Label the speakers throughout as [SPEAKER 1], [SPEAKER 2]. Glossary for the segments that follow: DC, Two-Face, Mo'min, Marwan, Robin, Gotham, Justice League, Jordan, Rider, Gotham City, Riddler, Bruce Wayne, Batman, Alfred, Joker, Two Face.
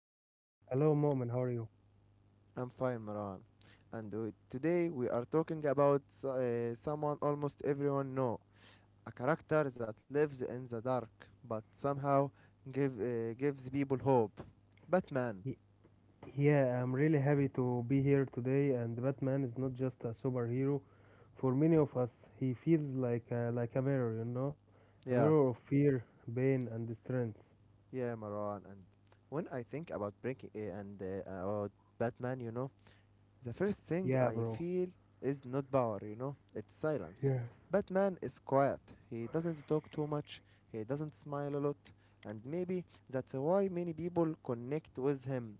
[SPEAKER 1] Marwan.
[SPEAKER 2] Hello, Mo'min. How are you?
[SPEAKER 1] I'm fine Marwan. Today we are talking about someone almost everyone know, a character that lives in the dark but somehow gives people hope. Batman.
[SPEAKER 2] Y- Yeah, I'm really happy to be here today. And Batman is not just a superhero. For many of us, he feels like a mirror, a
[SPEAKER 1] Yeah,
[SPEAKER 2] mirror of fear, pain, and strength.
[SPEAKER 1] yeah Marwan. And when I think about breaking and about Batman, the first thing
[SPEAKER 2] Yeah,
[SPEAKER 1] I
[SPEAKER 2] bro.
[SPEAKER 1] feel is not power, it's silence.
[SPEAKER 2] Yeah.
[SPEAKER 1] Batman is quiet. He doesn't talk too much, he doesn't smile a lot, and maybe that's why many people connect with him.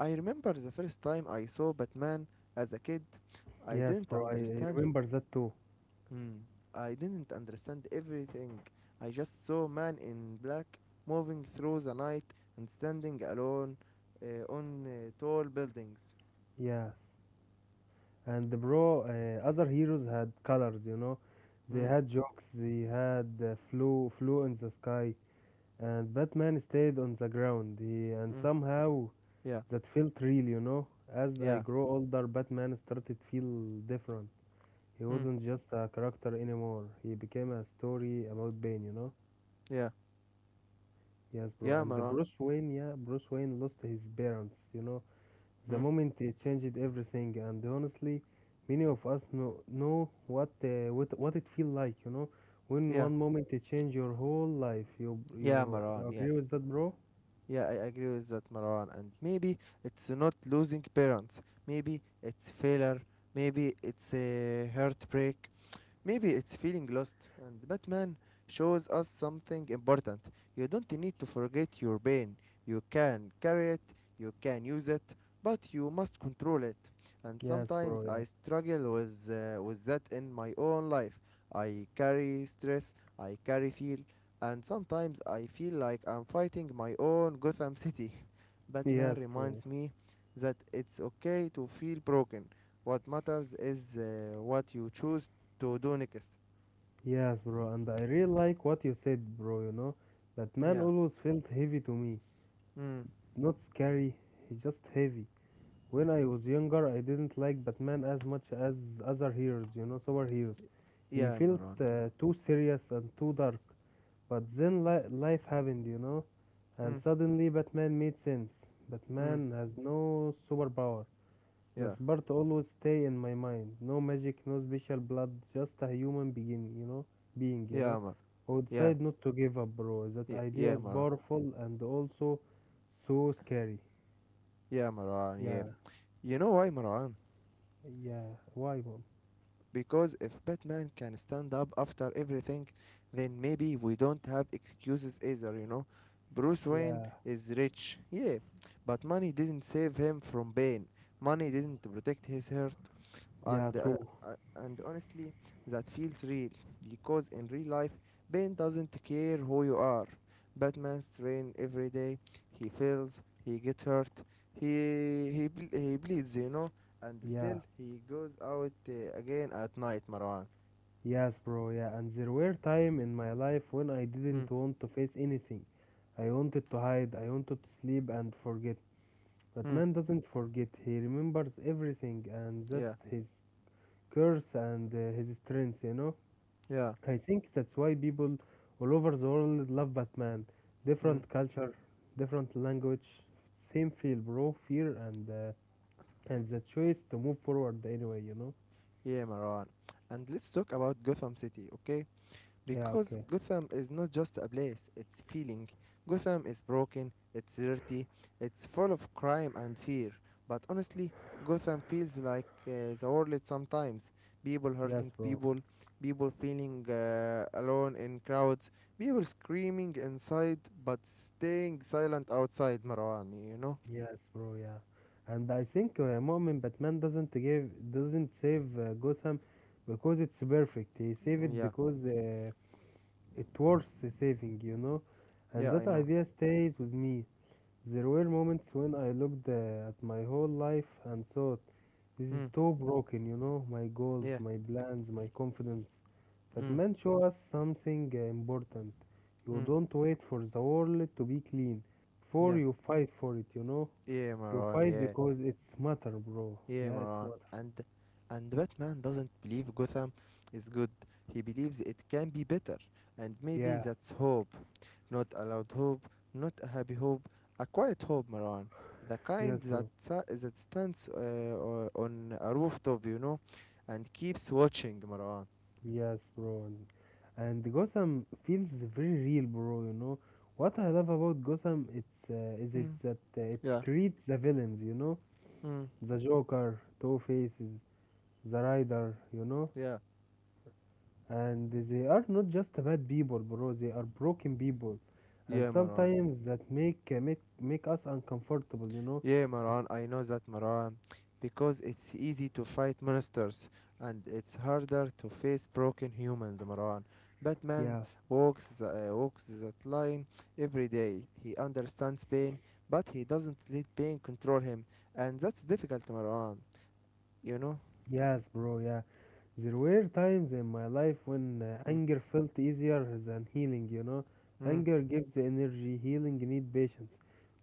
[SPEAKER 1] I remember the first time I saw Batman as a kid, I
[SPEAKER 2] Yes,
[SPEAKER 1] didn't
[SPEAKER 2] bro. I
[SPEAKER 1] understand.
[SPEAKER 2] remember that too.
[SPEAKER 1] Hmm, I didn't understand everything. I just saw man in black moving through the night and standing alone on tall buildings.
[SPEAKER 2] Yes. And bro, other heroes had colors. They
[SPEAKER 1] Mm,
[SPEAKER 2] had jokes. They had flew in the sky. And Batman stayed on the ground. He and
[SPEAKER 1] mm,
[SPEAKER 2] somehow
[SPEAKER 1] yeah,
[SPEAKER 2] that felt real. As I
[SPEAKER 1] yeah.
[SPEAKER 2] grow older, Batman started feel different. He
[SPEAKER 1] Mm.
[SPEAKER 2] wasn't just a character anymore. He became a story about pain.
[SPEAKER 1] Yeah.
[SPEAKER 2] Yes, bro.
[SPEAKER 1] Yeah,
[SPEAKER 2] And the
[SPEAKER 1] Maran.
[SPEAKER 2] Bruce Wayne, yeah, Bruce Wayne lost his parents. The
[SPEAKER 1] Mm.
[SPEAKER 2] moment he changed everything, and honestly, many of us know what what it feel like. When
[SPEAKER 1] Yeah.
[SPEAKER 2] one moment it change your whole life, you
[SPEAKER 1] Yeah,
[SPEAKER 2] you, you
[SPEAKER 1] Maran. Yeah.
[SPEAKER 2] agree with that, bro?
[SPEAKER 1] Yeah, I agree with that, Maran. And maybe it's not losing parents. Maybe it's failure. Maybe it's a heartbreak. Maybe it's feeling lost, and Batman shows us something important. You don't need to forget your pain. You can carry it, you can use it, but you must control it. And
[SPEAKER 2] Yes, bro.
[SPEAKER 1] sometimes
[SPEAKER 2] Yeah.
[SPEAKER 1] I struggle with that in my own life. I carry stress, I carry fear, and sometimes I feel like I'm fighting my own Gotham City. Batman
[SPEAKER 2] Yes, bro.
[SPEAKER 1] reminds me that it's okay to feel broken. What matters is what you choose to do next.
[SPEAKER 2] Yes, bro, and I really like what you said, bro. Batman
[SPEAKER 1] Yeah.
[SPEAKER 2] always felt heavy to me.
[SPEAKER 1] Mm.
[SPEAKER 2] Not scary, he's just heavy. When I was younger, I didn't like Batman as much as other heroes, superheroes. He
[SPEAKER 1] Yeah,
[SPEAKER 2] felt
[SPEAKER 1] Maran.
[SPEAKER 2] too serious and too dark. But then life happened, and
[SPEAKER 1] Mm.
[SPEAKER 2] suddenly Batman made sense.
[SPEAKER 1] Mm.
[SPEAKER 2] Batman has no superpower.
[SPEAKER 1] Yeah.
[SPEAKER 2] That's part always stay in my mind. No magic, no special blood, just a human being, you know, being, you
[SPEAKER 1] Yeah,
[SPEAKER 2] know,
[SPEAKER 1] Mar.
[SPEAKER 2] who
[SPEAKER 1] Yeah.
[SPEAKER 2] decide not to give up, bro. That idea
[SPEAKER 1] Yeah,
[SPEAKER 2] is
[SPEAKER 1] Maran.
[SPEAKER 2] powerful and also so scary.
[SPEAKER 1] Yeah, Maran. Yeah.
[SPEAKER 2] Yeah,
[SPEAKER 1] You know why, Maran?
[SPEAKER 2] yeah. Why, mom?
[SPEAKER 1] Because if Batman can stand up after everything, then maybe we don't have excuses either, you know? Bruce Wayne
[SPEAKER 2] Yeah,
[SPEAKER 1] is rich, yeah, but money didn't save him from pain. Money didn't protect his heart,
[SPEAKER 2] yeah,
[SPEAKER 1] and uh,
[SPEAKER 2] true.
[SPEAKER 1] and honestly that feels real because in real life Ben doesn't care who you are. Batman's train every day. He fails, he gets hurt, he bleeds, you know, and still
[SPEAKER 2] Yeah,
[SPEAKER 1] he goes out again at night, Marwan.
[SPEAKER 2] yes, bro. Yeah, and there were time in my life when I
[SPEAKER 1] mm,
[SPEAKER 2] didn't want to face anything. I wanted to hide. I wanted to sleep and forget. But
[SPEAKER 1] mm,
[SPEAKER 2] man doesn't forget. He remembers everything, and that
[SPEAKER 1] yeah,
[SPEAKER 2] his curse and his strength.
[SPEAKER 1] yeah.
[SPEAKER 2] I think that's why people all over the world love Batman.
[SPEAKER 1] mm,
[SPEAKER 2] Different culture, different language, same feel, bro. Fear and the choice to move forward anyway.
[SPEAKER 1] yeah, Marwan. And let's talk about Gotham City, okay.
[SPEAKER 2] Yeah,
[SPEAKER 1] Because
[SPEAKER 2] okay.
[SPEAKER 1] Gotham is not just a place, it's feeling. Gotham is broken, it's dirty, it's full of crime and fear. But honestly, Gotham feels like the world sometimes. People
[SPEAKER 2] Yes,
[SPEAKER 1] hurting
[SPEAKER 2] bro.
[SPEAKER 1] people, people feeling alone in crowds, people screaming inside but staying silent outside, Marwan, you know?
[SPEAKER 2] Yes, bro. Yeah. And I think Mu'min, Batman doesn't save Gotham because it's perfect. He save it
[SPEAKER 1] Yeah,
[SPEAKER 2] because it worth saving. And
[SPEAKER 1] yeah,
[SPEAKER 2] that
[SPEAKER 1] I know.
[SPEAKER 2] idea stays with me. There were moments when I looked at my whole life and thought, this is
[SPEAKER 1] Mm,
[SPEAKER 2] too broken, my goals,
[SPEAKER 1] yeah,
[SPEAKER 2] my plans, my confidence. But
[SPEAKER 1] mm,
[SPEAKER 2] man show us something important. You
[SPEAKER 1] mm,
[SPEAKER 2] don't wait for the world to be clean before
[SPEAKER 1] yeah,
[SPEAKER 2] you fight for it, you know.
[SPEAKER 1] yeah,
[SPEAKER 2] You
[SPEAKER 1] Marwan,
[SPEAKER 2] fight
[SPEAKER 1] yeah.
[SPEAKER 2] because it's matter, bro.
[SPEAKER 1] Yeah,
[SPEAKER 2] Yeah, it's
[SPEAKER 1] Maran.
[SPEAKER 2] matter.
[SPEAKER 1] And Batman doesn't believe Gotham is good. He believes it can be better. And maybe
[SPEAKER 2] Yeah,
[SPEAKER 1] that's hope. Not a loud hope, not a happy hope, a quiet hope, Maran. The kind
[SPEAKER 2] yes,
[SPEAKER 1] that
[SPEAKER 2] bro.
[SPEAKER 1] sa- that stands on a rooftop, you know, and keeps watching, Maran.
[SPEAKER 2] Yes, bro. And Gotham feels very real, bro. You know what I love about Gotham? It's is it
[SPEAKER 1] Mm.
[SPEAKER 2] that it
[SPEAKER 1] Yeah.
[SPEAKER 2] creates the villains. You know
[SPEAKER 1] Mm.
[SPEAKER 2] the Joker, Two Faces, the Rider. You know,
[SPEAKER 1] Yeah,
[SPEAKER 2] and they are not just bad people, bro. They are broken people, and
[SPEAKER 1] yeah, Maran.
[SPEAKER 2] sometimes that make us uncomfortable. You know,
[SPEAKER 1] Yeah, Maran, I know that, Maran. Because it's easy to fight monsters and it's harder to face broken humans, Maran. Batman
[SPEAKER 2] yeah.
[SPEAKER 1] walks, the, uh, walks that line every day. He understands pain, but he doesn't let pain control him. And that's difficult, Maran. You know?
[SPEAKER 2] Yes, bro, yeah. There were times in my life when
[SPEAKER 1] Mm,
[SPEAKER 2] anger felt easier than healing.
[SPEAKER 1] mm,
[SPEAKER 2] Anger gives the energy, healing need patience.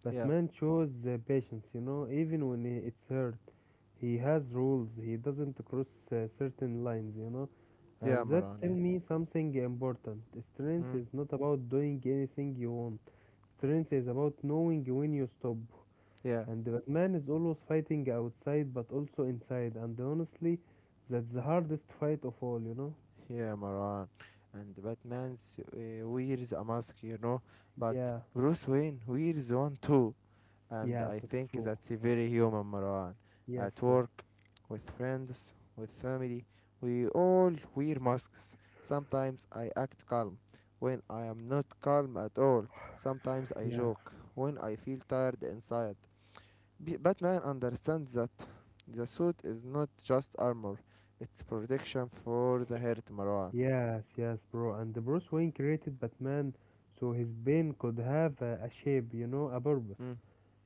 [SPEAKER 2] But
[SPEAKER 1] yeah,
[SPEAKER 2] man chose the patience, even when it's hurt. He has rules, he doesn't cross certain lines.
[SPEAKER 1] yeah,
[SPEAKER 2] And that
[SPEAKER 1] Maran,
[SPEAKER 2] tell
[SPEAKER 1] yeah.
[SPEAKER 2] me something important. Strength
[SPEAKER 1] Mm,
[SPEAKER 2] is not about doing anything you want. Strength is about knowing when you stop.
[SPEAKER 1] yeah,
[SPEAKER 2] And Batman is always fighting outside but also inside. And honestly, that's the hardest fight of all, you know?
[SPEAKER 1] yeah, Maran. And Batman wears a mask, you know? But
[SPEAKER 2] Yeah,
[SPEAKER 1] Bruce Wayne wears one too and
[SPEAKER 2] yeah,
[SPEAKER 1] I
[SPEAKER 2] that's
[SPEAKER 1] think
[SPEAKER 2] true.
[SPEAKER 1] that's very human, Marwan.
[SPEAKER 2] Yes,
[SPEAKER 1] At
[SPEAKER 2] bro.
[SPEAKER 1] work, with friends, with family, we all wear masks. Sometimes I act calm when I am not calm at all. Sometimes I
[SPEAKER 2] Yeah,
[SPEAKER 1] joke when I feel tired inside. Batman understands that the suit is not just armor, it's protection for the heart, Marwan.
[SPEAKER 2] yes, yes, bro. And the Bruce Wayne created Batman so his brain could have a shape, a purpose.
[SPEAKER 1] Mm,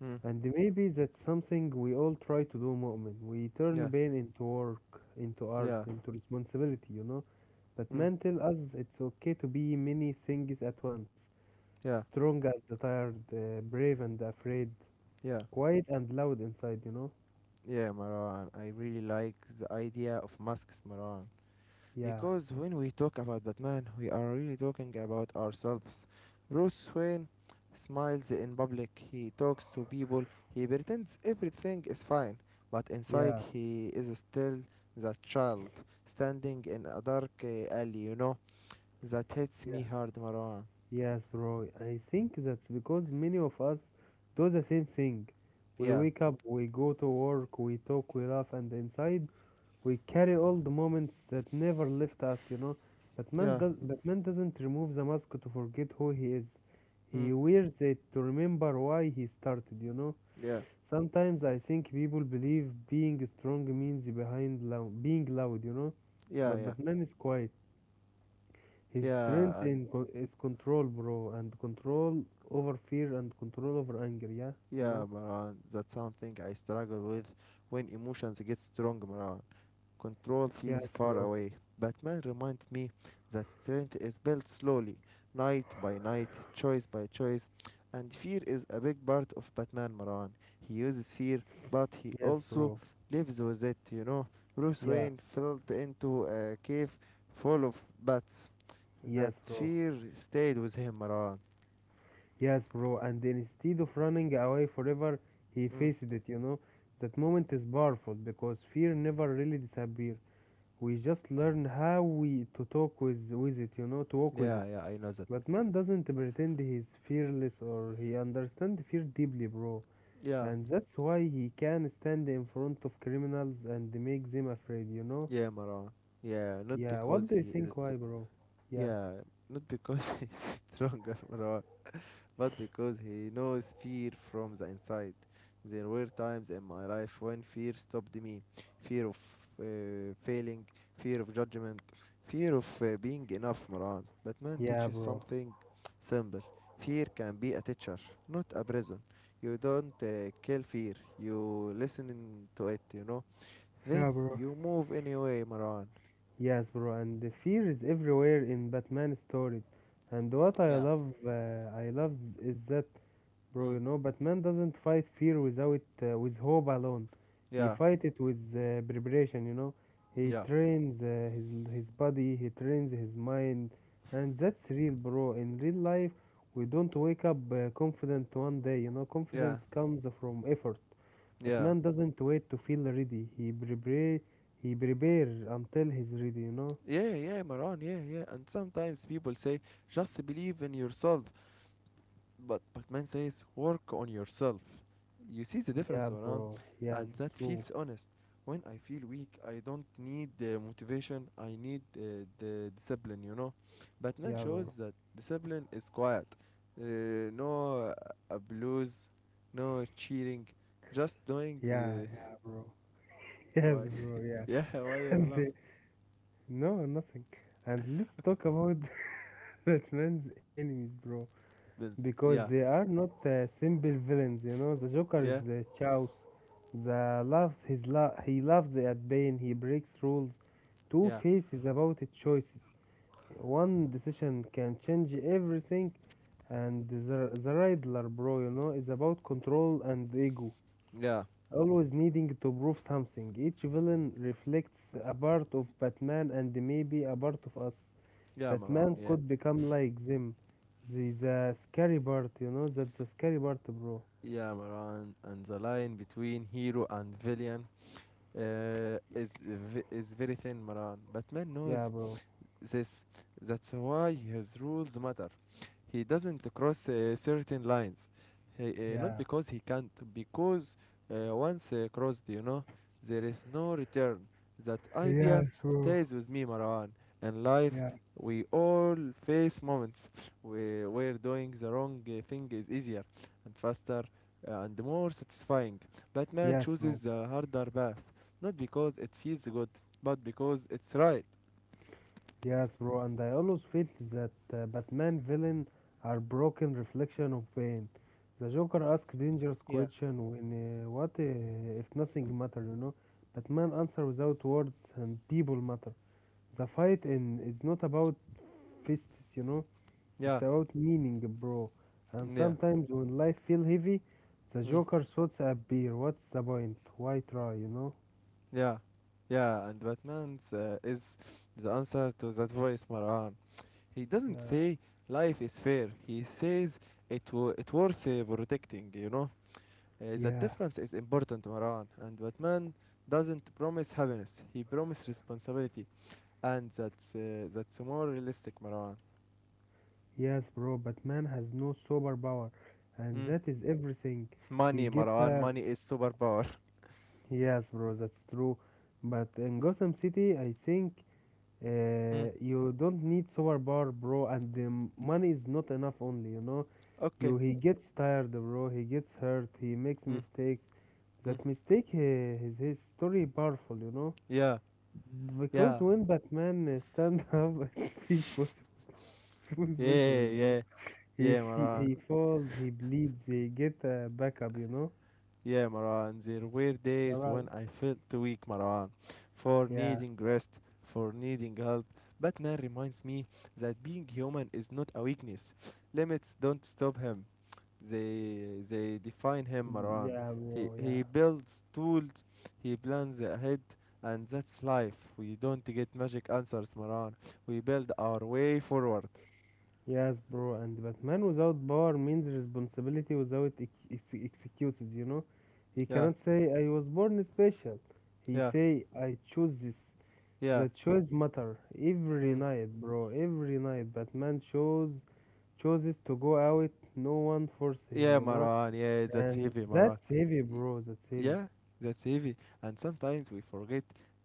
[SPEAKER 1] mm,
[SPEAKER 2] And maybe that's something we all try to do, Mu'min. We
[SPEAKER 1] yeah,
[SPEAKER 2] turn pain into work, into art,
[SPEAKER 1] yeah,
[SPEAKER 2] into responsibility, you know? But
[SPEAKER 1] mm,
[SPEAKER 2] man tell us it's okay to be many things at once.
[SPEAKER 1] yeah,
[SPEAKER 2] Strong and tired, brave and afraid,
[SPEAKER 1] yeah.
[SPEAKER 2] quiet and loud inside, you know?
[SPEAKER 1] Yeah, Maran, I really like the idea of masks, Maran.
[SPEAKER 2] Yeah,
[SPEAKER 1] Because when we talk about Batman, we are really talking about ourselves. Bruce Wayne smiles in public, he talks to people, he pretends everything is fine, but inside
[SPEAKER 2] yeah,
[SPEAKER 1] he is still the child standing in a dark alley, you know? That hits me
[SPEAKER 2] yeah.
[SPEAKER 1] hard, Maran.
[SPEAKER 2] Yes, bro. I think that's because many of us do the same thing. We
[SPEAKER 1] Yeah,
[SPEAKER 2] wake up, we go to work, we talk, we laugh, and inside we carry all the moments that never left us, you know? But man,
[SPEAKER 1] yeah,
[SPEAKER 2] does, but man doesn't remove the mask to forget who he is.
[SPEAKER 1] mm,
[SPEAKER 2] He wears it to remember why he started, you know?
[SPEAKER 1] yeah,
[SPEAKER 2] Sometimes I think people believe being strong means behind being loud.
[SPEAKER 1] yeah,
[SPEAKER 2] But
[SPEAKER 1] yeah,
[SPEAKER 2] Batman is quiet. His
[SPEAKER 1] yeah,
[SPEAKER 2] strength
[SPEAKER 1] and
[SPEAKER 2] is control, bro, and control over fear and control over anger. Yeah, you know.
[SPEAKER 1] yeah, Maran, that's something I struggle with when emotions get strong, Maran. Control
[SPEAKER 2] Yes,
[SPEAKER 1] feels far
[SPEAKER 2] bro.
[SPEAKER 1] away. Batman reminds me that strength is built slowly, night by night, choice by choice. And fear is a big part of Batman, Maran. He uses fear, but he
[SPEAKER 2] Yes,
[SPEAKER 1] also
[SPEAKER 2] bro.
[SPEAKER 1] lives with it, you know. Bruce
[SPEAKER 2] Yeah.
[SPEAKER 1] Wayne fell into a cave full of bats. That
[SPEAKER 2] Yes, bro.
[SPEAKER 1] fear stayed with him, Maran.
[SPEAKER 2] Yes, bro. And instead of running away forever, he
[SPEAKER 1] Mm.
[SPEAKER 2] faced it. That moment is powerful because fear never really disappears. We just learn how we to talk with it. To walk with
[SPEAKER 1] Yeah,
[SPEAKER 2] it.
[SPEAKER 1] yeah, I know that.
[SPEAKER 2] But man doesn't pretend he's fearless or he understands fear deeply, bro.
[SPEAKER 1] Yeah.
[SPEAKER 2] And that's why he can stand in front of criminals and make them afraid, you know?
[SPEAKER 1] Yeah, Maran. Yeah, not
[SPEAKER 2] Yeah, what
[SPEAKER 1] because
[SPEAKER 2] do you
[SPEAKER 1] he is
[SPEAKER 2] think
[SPEAKER 1] str-
[SPEAKER 2] why, bro? Yeah.
[SPEAKER 1] yeah, not because he is stronger, Maran, but because he knows fear from the inside. There were times in my life when fear stopped me. Fear of failing, fear of judgment, fear of being enough, Maran. But man
[SPEAKER 2] Yeah,
[SPEAKER 1] teaches
[SPEAKER 2] bro.
[SPEAKER 1] something simple. Fear can be a teacher, not a prison. You don't kill fear. You listen to it, you know. Then
[SPEAKER 2] Yeah, bro.
[SPEAKER 1] you move anyway, Maran.
[SPEAKER 2] Yes, bro, and the fear is everywhere in Batman stories. And what I
[SPEAKER 1] Yeah,
[SPEAKER 2] love, uh, I love is that bro. You
[SPEAKER 1] Mm.
[SPEAKER 2] know, Batman doesn't fight fear without with hope alone. He
[SPEAKER 1] yeah,
[SPEAKER 2] fight it with preparation. He
[SPEAKER 1] yeah,
[SPEAKER 2] trains his body, he trains his mind, and that's real, bro. In real life, we don't wake up confident one day. You know,
[SPEAKER 1] yeah,
[SPEAKER 2] confidence comes from effort. But
[SPEAKER 1] yeah,
[SPEAKER 2] man doesn't wait to feel ready. He prepare until he's ready. You know?
[SPEAKER 1] yeah, yeah, Maran, yeah, yeah. And sometimes people say, just believe in yourself. But man says, work on yourself. You see the
[SPEAKER 2] Yeah,
[SPEAKER 1] difference, Maran?
[SPEAKER 2] bro. Yeah,
[SPEAKER 1] And that
[SPEAKER 2] that's true.
[SPEAKER 1] feels honest. When I feel weak, I don't need the motivation, I need the discipline, you know. But man
[SPEAKER 2] Yeah,
[SPEAKER 1] shows
[SPEAKER 2] bro.
[SPEAKER 1] that discipline is quiet. No blues, no cheating, just doing
[SPEAKER 2] Yeah,
[SPEAKER 1] the.
[SPEAKER 2] yeah, bro. Yes,
[SPEAKER 1] Why?
[SPEAKER 2] bro. Yeah.
[SPEAKER 1] Yeah, why you're laughing?
[SPEAKER 2] No, nothing. And let's talk about Batman's enemies, bro.
[SPEAKER 1] But
[SPEAKER 2] Because they
[SPEAKER 1] yeah,
[SPEAKER 2] are not simple villains. The Joker is
[SPEAKER 1] yeah,
[SPEAKER 2] the chaos. The loves his lo- he loves at pain. He breaks rules. Two
[SPEAKER 1] yeah,
[SPEAKER 2] Faces about it choices. One decision can change everything. And the Riddler, bro, is about control and ego.
[SPEAKER 1] yeah,
[SPEAKER 2] Always needing to prove something. Each villain reflects a part of Batman and maybe a part of us. Batman
[SPEAKER 1] yeah,
[SPEAKER 2] could become like them. The scary part, that's the scary part, bro.
[SPEAKER 1] yeah, Maran, and the line between hero and villain is very thin, Maran. Batman
[SPEAKER 2] Yeah,
[SPEAKER 1] knows
[SPEAKER 2] bro.
[SPEAKER 1] this. That's why his rules matter. He doesn't cross certain lines. He, Not
[SPEAKER 2] Yeah.
[SPEAKER 1] because he can't, because once crossed, you know, there is no return. That idea
[SPEAKER 2] Yes, bro.
[SPEAKER 1] stays with me, Marwan. And life,
[SPEAKER 2] Yeah.
[SPEAKER 1] we all face moments where doing the wrong thing is easier and faster and more satisfying. But man
[SPEAKER 2] Yes, bro.
[SPEAKER 1] chooses the harder path, not because it feels good, but because it's right.
[SPEAKER 2] Yes, bro. And I always feel that Batman villain are broken reflection of pain. The Joker asks dangerous
[SPEAKER 1] Yeah.
[SPEAKER 2] question when what if nothing matter, you know? Batman answer without words and people matter. The fight in is not about fists, you know?
[SPEAKER 1] Yeah,
[SPEAKER 2] It's about meaning, bro. And
[SPEAKER 1] yeah.
[SPEAKER 2] sometimes when life feel heavy, the
[SPEAKER 1] Mm.
[SPEAKER 2] Joker thoughts appear. What's the point? Why try, you know?
[SPEAKER 1] Yeah, yeah, and Batman's is the answer to that voice, Marwan. He doesn't
[SPEAKER 2] Yeah,
[SPEAKER 1] say life is fair. He says it worth protecting. You know, that
[SPEAKER 2] yeah,
[SPEAKER 1] difference is important, Marwan. And Batman doesn't promise happiness. He promises responsibility, and that's more realistic, Marwan.
[SPEAKER 2] yes, bro. But man has no superpower, and
[SPEAKER 1] Mm.
[SPEAKER 2] that is everything. He
[SPEAKER 1] Money,
[SPEAKER 2] get
[SPEAKER 1] Marwan.
[SPEAKER 2] tired.
[SPEAKER 1] Money is superpower.
[SPEAKER 2] Yes, bro, that's true. But in Gotham City, I think
[SPEAKER 1] Mm.
[SPEAKER 2] You don't need super power, bro, and the money is not enough only, you know. You
[SPEAKER 1] Okay.
[SPEAKER 2] he gets tired, bro. He gets hurt. He makes
[SPEAKER 1] Mm.
[SPEAKER 2] mistakes.
[SPEAKER 1] Mm.
[SPEAKER 2] That mistake is his story powerful.
[SPEAKER 1] Yeah,
[SPEAKER 2] Because
[SPEAKER 1] yeah,
[SPEAKER 2] when Batman stand up, it's feel possible. It's feel
[SPEAKER 1] yeah,
[SPEAKER 2] possible, bro.
[SPEAKER 1] yeah,
[SPEAKER 2] He
[SPEAKER 1] yeah,
[SPEAKER 2] fe-
[SPEAKER 1] Marwan.
[SPEAKER 2] he falls. He bleeds. He get backup.
[SPEAKER 1] Yeah, Marwan, there were days when
[SPEAKER 2] Alright.
[SPEAKER 1] I felt weak, Marwan, for
[SPEAKER 2] Yeah,
[SPEAKER 1] needing rest, for needing help. Batman reminds me that being human is not a weakness. Limits don't stop him. They define him, Marwan.
[SPEAKER 2] yeah,
[SPEAKER 1] He
[SPEAKER 2] bro. Yeah.
[SPEAKER 1] he builds tools, he plans ahead, and that's life. We don't get magic answers, Marwan. We build our way forward.
[SPEAKER 2] Yes, bro, and Batman without power means responsibility without excuses, you know? He
[SPEAKER 1] Yeah,
[SPEAKER 2] cannot say, I was born special. He
[SPEAKER 1] yeah,
[SPEAKER 2] say, I choose this.
[SPEAKER 1] yeah.
[SPEAKER 2] The choice matter. Every
[SPEAKER 1] Mm.
[SPEAKER 2] night, bro, every night, Batman chooses to go out. No one force him,
[SPEAKER 1] Yeah,
[SPEAKER 2] you know?
[SPEAKER 1] Marwan, yeah, that's
[SPEAKER 2] And
[SPEAKER 1] heavy, Marwan.
[SPEAKER 2] that's heavy, bro, that's heavy.
[SPEAKER 1] Yeah, that's heavy. And sometimes we forget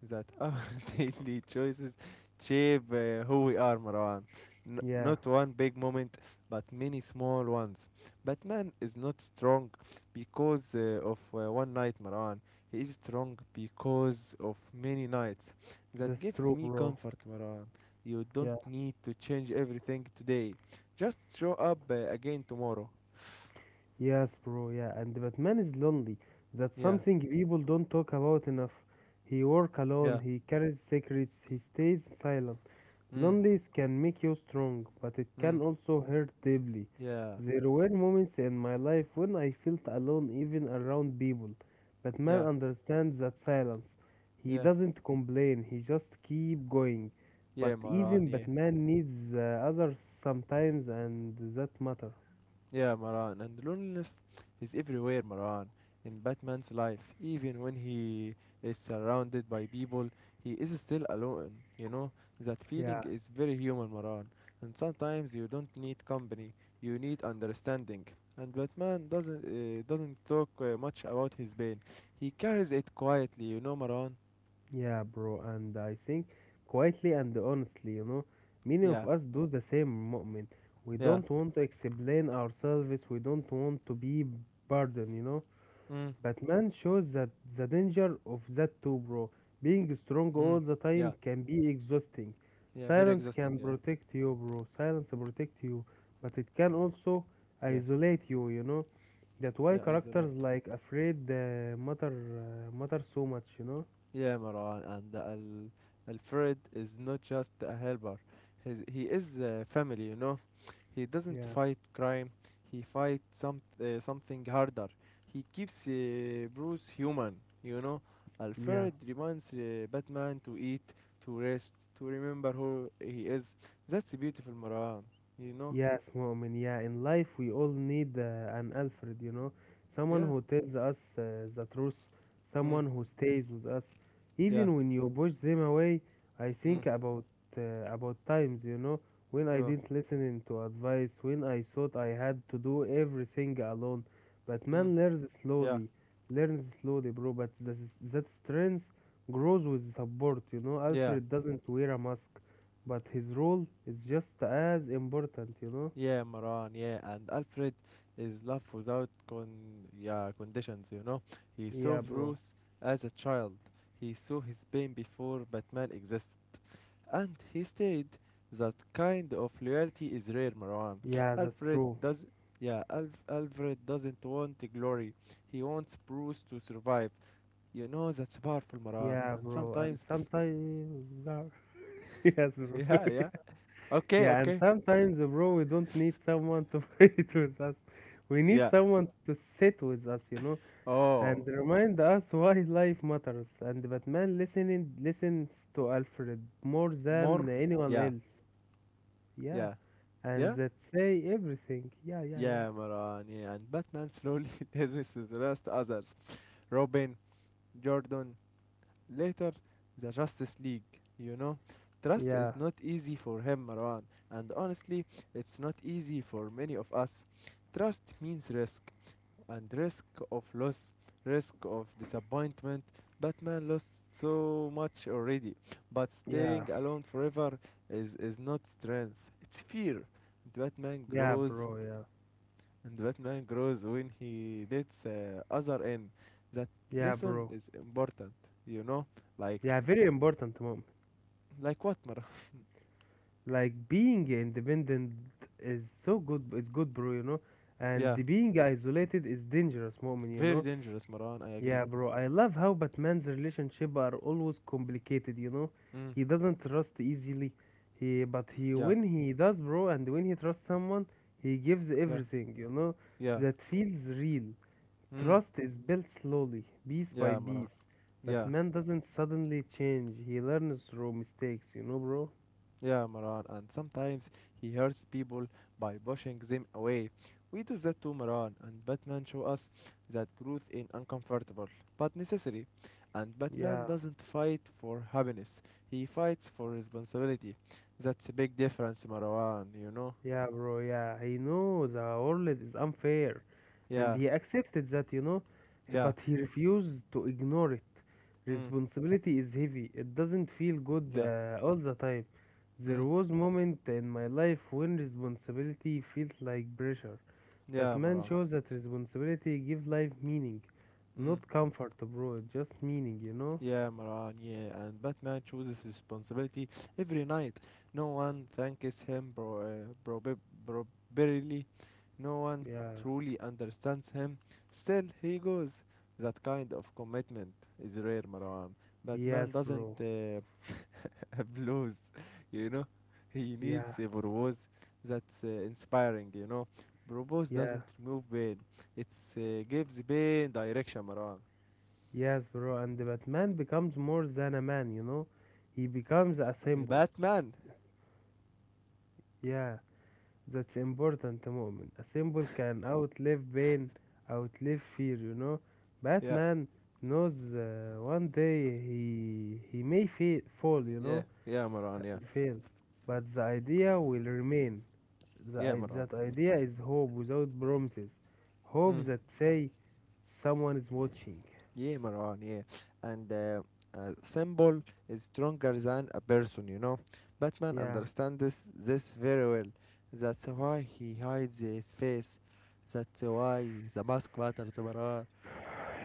[SPEAKER 1] that our daily choices shape who we are, Marwan.
[SPEAKER 2] Yeah,
[SPEAKER 1] Not one big moment, but many small ones. Batman is not strong because of one night, Marwan. He is strong because of many nights. That
[SPEAKER 2] that's
[SPEAKER 1] gives
[SPEAKER 2] true,
[SPEAKER 1] me
[SPEAKER 2] bro.
[SPEAKER 1] comfort, Marwan. You don't
[SPEAKER 2] Yeah.
[SPEAKER 1] need to change everything today. Just show up again tomorrow.
[SPEAKER 2] Yes, bro, yeah, and that man is lonely. That's
[SPEAKER 1] Yeah,
[SPEAKER 2] something people don't talk about enough. He work alone,
[SPEAKER 1] yeah.
[SPEAKER 2] he carries secrets, he stays silent.
[SPEAKER 1] Mm,
[SPEAKER 2] Loneliness can make you strong, but it
[SPEAKER 1] mm,
[SPEAKER 2] can also hurt deeply.
[SPEAKER 1] yeah,
[SPEAKER 2] There were moments in my life when I felt alone even around people, but man
[SPEAKER 1] yeah.
[SPEAKER 2] understands that silence. He
[SPEAKER 1] Yeah,
[SPEAKER 2] doesn't complain, he just keep going. But
[SPEAKER 1] yeah, Maran,
[SPEAKER 2] even
[SPEAKER 1] yeah.
[SPEAKER 2] Batman needs others sometimes and that matter.
[SPEAKER 1] Yeah, Maran. And loneliness is everywhere, Maran. In Batman's life, even when he is surrounded by people, he is still alone. You know, that feeling
[SPEAKER 2] Yeah.
[SPEAKER 1] is very human, Maran. And sometimes you don't need company, you need understanding. And Batman doesn't talk much about his pain. He carries it quietly, you know, Maran.
[SPEAKER 2] Yeah, bro, and I think quietly and honestly, many of
[SPEAKER 1] Yeah,
[SPEAKER 2] us do the same moment. We
[SPEAKER 1] yeah.
[SPEAKER 2] don't want to explain ourselves, we don't want to be burdened.
[SPEAKER 1] Mm,
[SPEAKER 2] But man shows that the danger of that too, bro. Being strong all
[SPEAKER 1] mm,
[SPEAKER 2] the time
[SPEAKER 1] yeah,
[SPEAKER 2] can be exhausting.
[SPEAKER 1] yeah. Very
[SPEAKER 2] Silence
[SPEAKER 1] exhausting.
[SPEAKER 2] can
[SPEAKER 1] Yeah,
[SPEAKER 2] protect you, bro. Silence protect you, but it can also
[SPEAKER 1] yeah,
[SPEAKER 2] isolate you, you know. That why
[SPEAKER 1] yeah. Isolate.
[SPEAKER 2] characters like Afraid matter so much.
[SPEAKER 1] Yeah, Marwan, and Al Alfred is not just a helper. He is a family, you know. He doesn't
[SPEAKER 2] Yeah,
[SPEAKER 1] fight crime. He fights something harder. He keeps Bruce human, you know.
[SPEAKER 2] yeah.
[SPEAKER 1] Alfred reminds Batman to eat, to rest, to remember who he is. That's beautiful, Marwan. You know?
[SPEAKER 2] Yes, Mu'min. Yeah, in life we all need an Alfred, someone
[SPEAKER 1] Yeah.
[SPEAKER 2] who tells us the truth,
[SPEAKER 1] Mm.
[SPEAKER 2] someone who stays with us,
[SPEAKER 1] Yeah.
[SPEAKER 2] even when you push them away. I
[SPEAKER 1] Mm.
[SPEAKER 2] think about times, when I
[SPEAKER 1] Yeah.
[SPEAKER 2] didn't listen to advice, when I thought I had to do everything alone. But man
[SPEAKER 1] Mm. Yeah.
[SPEAKER 2] learns slowly, bro. But that strength grows with support.
[SPEAKER 1] Yeah.
[SPEAKER 2] Alfred doesn't wear a mask. But his role is just as important, you know?
[SPEAKER 1] Yeah, Maran, yeah, and Alfred is love without conditions, you know. He saw
[SPEAKER 2] Yeah, bro.
[SPEAKER 1] Bruce as a child. He saw his pain before Batman existed. And he stayed. That kind of loyalty is rare, Maran.
[SPEAKER 2] Yeah, that's
[SPEAKER 1] Alfred
[SPEAKER 2] true.
[SPEAKER 1] does Alfred doesn't want the glory. He wants Bruce to survive. You know that's powerful, Maran.
[SPEAKER 2] Yeah,
[SPEAKER 1] And
[SPEAKER 2] bro. And
[SPEAKER 1] sometimes
[SPEAKER 2] sometimes, yes, bro.
[SPEAKER 1] yeah, yeah. Okay,
[SPEAKER 2] Yeah, and
[SPEAKER 1] okay.
[SPEAKER 2] sometimes, bro, we don't need someone to fight with us. We need
[SPEAKER 1] Yeah.
[SPEAKER 2] someone to sit with us, you know,
[SPEAKER 1] Oh,
[SPEAKER 2] and remind us why life matters. And Batman listening listens to Alfred more than
[SPEAKER 1] more?
[SPEAKER 2] anyone
[SPEAKER 1] Yeah,
[SPEAKER 2] else. Yeah,
[SPEAKER 1] yeah.
[SPEAKER 2] and
[SPEAKER 1] Yeah?
[SPEAKER 2] that say everything. Yeah, yeah, yeah.
[SPEAKER 1] Yeah, Maran, yeah, and Batman slowly learns to trust others. Robin, Jordan, later the Justice League, you know. Trust
[SPEAKER 2] Yeah,
[SPEAKER 1] is not easy for him, Marwan, and honestly, it's not easy for many of us. Trust means risk, and risk of loss, risk of disappointment. Batman lost so much already, but
[SPEAKER 2] yeah,
[SPEAKER 1] staying alone forever is not strength, it's fear. And Batman
[SPEAKER 2] yeah,
[SPEAKER 1] grows
[SPEAKER 2] bro. Yeah.
[SPEAKER 1] and Batman grows when he lets other in. That
[SPEAKER 2] Yeah,
[SPEAKER 1] lesson
[SPEAKER 2] bro.
[SPEAKER 1] is important, you know? Like,
[SPEAKER 2] Yeah, very important, mom.
[SPEAKER 1] like what, Marwan?
[SPEAKER 2] Like being independent is so good. It's good, bro. You know, and
[SPEAKER 1] Yeah,
[SPEAKER 2] the being isolated is dangerous, mom. You
[SPEAKER 1] very
[SPEAKER 2] know.
[SPEAKER 1] dangerous, Marwan, I agree.
[SPEAKER 2] Yeah, bro. I love how Batman's relationship are always complicated. You know,
[SPEAKER 1] Mm,
[SPEAKER 2] he doesn't trust easily. He, but he
[SPEAKER 1] yeah,
[SPEAKER 2] when he does, bro, and when he trusts someone, he gives
[SPEAKER 1] yeah,
[SPEAKER 2] everything. You know,
[SPEAKER 1] yeah,
[SPEAKER 2] that feels real.
[SPEAKER 1] mm,
[SPEAKER 2] Trust is built slowly, piece by
[SPEAKER 1] yeah, Marwan.
[SPEAKER 2] piece. But
[SPEAKER 1] Yeah,
[SPEAKER 2] man doesn't suddenly change. He learns through mistakes, you know, bro?
[SPEAKER 1] yeah, Maran, and sometimes he hurts people by pushing them away. We do that to Maran, and Batman show us that growth is uncomfortable but necessary. And Batman
[SPEAKER 2] Yeah,
[SPEAKER 1] doesn't fight for happiness; he fights for responsibility. That's a big difference, Maran. You know?
[SPEAKER 2] yeah, bro. He knows the world is unfair. And
[SPEAKER 1] Yeah,
[SPEAKER 2] he accepted that, you know,
[SPEAKER 1] yeah,
[SPEAKER 2] but he refuses to ignore it.
[SPEAKER 1] mm,
[SPEAKER 2] Responsibility is heavy. It doesn't feel good
[SPEAKER 1] yeah,
[SPEAKER 2] all the time.
[SPEAKER 1] mm,
[SPEAKER 2] There was moment in my life when responsibility felt like pressure.
[SPEAKER 1] yeah,
[SPEAKER 2] Batman
[SPEAKER 1] Maran.
[SPEAKER 2] shows that responsibility give life meaning,
[SPEAKER 1] Mm.
[SPEAKER 2] not comfort, bro. Just meaning, you know?
[SPEAKER 1] Yeah, Maran, yeah, and Batman chooses responsibility every night. No one thanks him bro, properly. No one
[SPEAKER 2] Yeah.
[SPEAKER 1] truly understands him. Still, he goes. That kind of commitment is rare, Maran. Batman
[SPEAKER 2] Yes,
[SPEAKER 1] doesn't
[SPEAKER 2] bro.
[SPEAKER 1] applause, you know. He
[SPEAKER 2] Yeah.
[SPEAKER 1] needs a purpose that's inspiring, you know. Purpose
[SPEAKER 2] Yeah.
[SPEAKER 1] doesn't remove pain. It gives pain direction, Maran.
[SPEAKER 2] Yes, bro. And the Batman becomes more than a man, you know? He becomes a symbol.
[SPEAKER 1] Batman,
[SPEAKER 2] Yeah. That's important, moment. A symbol can outlive pain, outlive fear, you know?
[SPEAKER 1] yeah.
[SPEAKER 2] Batman knows one day he may fall, you
[SPEAKER 1] Yeah,
[SPEAKER 2] know,
[SPEAKER 1] yeah, Maran, yeah.
[SPEAKER 2] and fail, but the idea will remain. The,
[SPEAKER 1] Yeah,
[SPEAKER 2] i-
[SPEAKER 1] Maran.
[SPEAKER 2] that idea is hope without promises. Hope
[SPEAKER 1] Mm.
[SPEAKER 2] that say someone is watching.
[SPEAKER 1] Yeah, Maran, yeah. And a symbol is stronger than a person, you know. Batman
[SPEAKER 2] Yeah,
[SPEAKER 1] understands this very well. That's why he hides his face. That's why the mask matters, Maran.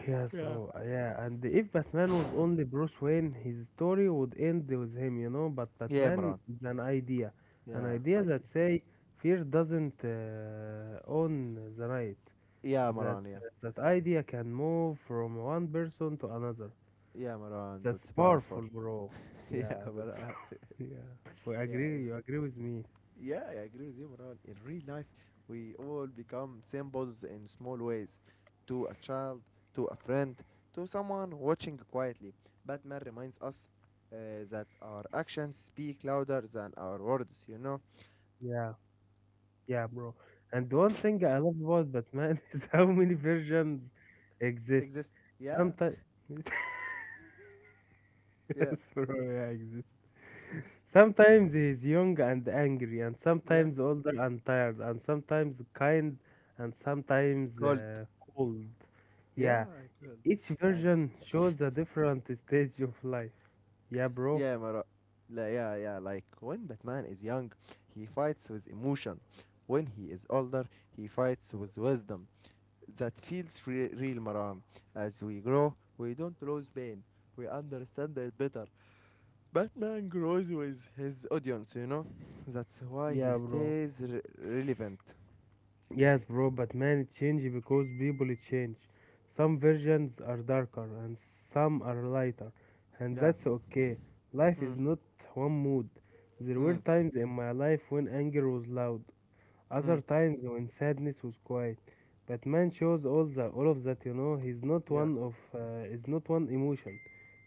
[SPEAKER 2] yes,
[SPEAKER 1] Yeah.
[SPEAKER 2] bro. Yeah, and if Batman was only Bruce Wayne, his story would end with him, you know. But
[SPEAKER 1] Yeah,
[SPEAKER 2] Batman
[SPEAKER 1] Maran.
[SPEAKER 2] is an
[SPEAKER 1] Yeah,
[SPEAKER 2] idea that
[SPEAKER 1] idea.
[SPEAKER 2] say fear doesn't own the night.
[SPEAKER 1] Yeah,
[SPEAKER 2] That
[SPEAKER 1] Maran, yeah.
[SPEAKER 2] that idea can move from one person to another.
[SPEAKER 1] Yeah, Maran,
[SPEAKER 2] That's
[SPEAKER 1] that's powerful.
[SPEAKER 2] powerful, bro.
[SPEAKER 1] yeah,
[SPEAKER 2] Yeah, that's
[SPEAKER 1] Maran.
[SPEAKER 2] yeah. We
[SPEAKER 1] Yeah,
[SPEAKER 2] agree.
[SPEAKER 1] in
[SPEAKER 2] You agree with me?
[SPEAKER 1] Yeah, I agree with you, Moran. In real life, we all become symbols in small ways, to a child, to a friend, to someone watching quietly. Batman reminds us that our actions speak louder than our words, you know?
[SPEAKER 2] Yeah, yeah, bro. And one thing I love about Batman is how many versions exist.
[SPEAKER 1] Exist. Yeah,
[SPEAKER 2] Sometimes,
[SPEAKER 1] yeah,
[SPEAKER 2] yes, bro, yeah, exist. Sometimes he is young and angry, and
[SPEAKER 1] yeah.
[SPEAKER 2] sometimes older and tired, and sometimes kind, and sometimes
[SPEAKER 1] Cold.
[SPEAKER 2] cold.
[SPEAKER 1] Yeah,
[SPEAKER 2] Yeah,
[SPEAKER 1] I cold.
[SPEAKER 2] each
[SPEAKER 1] And
[SPEAKER 2] version shows a different stage of life. Yeah, bro.
[SPEAKER 1] yeah, Mara. La- Yeah, yeah. Like when Batman is young, he fights with emotion. When he is older, he fights with wisdom. That feels real, Maram. As we grow, we don't lose pain. We understand it better. Batman grows with his audience, you know? That's why he
[SPEAKER 2] Yeah, bro.
[SPEAKER 1] stays relevant.
[SPEAKER 2] Yes, bro, but man, it changes because people change. Some versions are darker and some are lighter, and
[SPEAKER 1] Yeah.
[SPEAKER 2] that's okay. Life is
[SPEAKER 1] Mm,
[SPEAKER 2] not one mood. There were
[SPEAKER 1] mm,
[SPEAKER 2] times in my life when anger was loud, other
[SPEAKER 1] mm.
[SPEAKER 2] times when sadness was quiet. But man shows all of that, you know. He's not
[SPEAKER 1] Yeah,
[SPEAKER 2] one of uh, is not one emotion.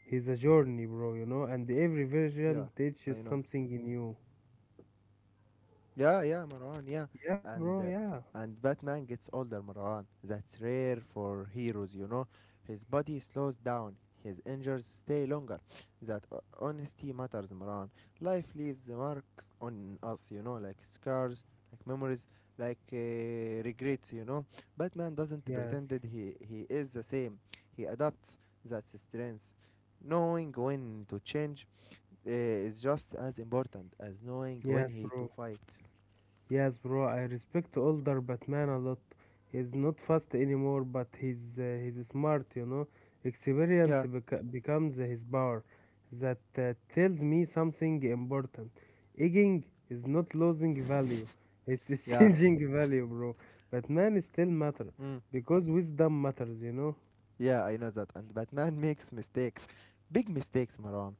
[SPEAKER 2] He's a journey, bro, you know, and every
[SPEAKER 1] yeah.
[SPEAKER 2] version teaches
[SPEAKER 1] I know.
[SPEAKER 2] something new.
[SPEAKER 1] Yeah, yeah, Marwan, yeah.
[SPEAKER 2] Yeah, bro,
[SPEAKER 1] And uh,
[SPEAKER 2] yeah.
[SPEAKER 1] and Batman gets older, Marwan. That's rare for heroes, you know. His body slows down, his injuries stay longer. That honesty matters, Marwan. Life leaves the marks on us, you know, like scars, like memories, like regrets, you know. Batman doesn't
[SPEAKER 2] Yes.
[SPEAKER 1] pretend that he is the same. He adapts. That's that strength. Knowing when to change is just as important as knowing when
[SPEAKER 2] Yes,
[SPEAKER 1] he to
[SPEAKER 2] bro.
[SPEAKER 1] fight.
[SPEAKER 2] Yes, bro, I respect older Batman a lot. He's not fast anymore, but he's smart, you know. Experience
[SPEAKER 1] Yeah,
[SPEAKER 2] becomes his power. That tells me something important. Aging is not losing value; it's
[SPEAKER 1] yeah,
[SPEAKER 2] changing value, bro. Batman still matter
[SPEAKER 1] mm,
[SPEAKER 2] because wisdom matters, you know.
[SPEAKER 1] yeah, I know that. And Batman makes mistakes, big mistakes, Maram.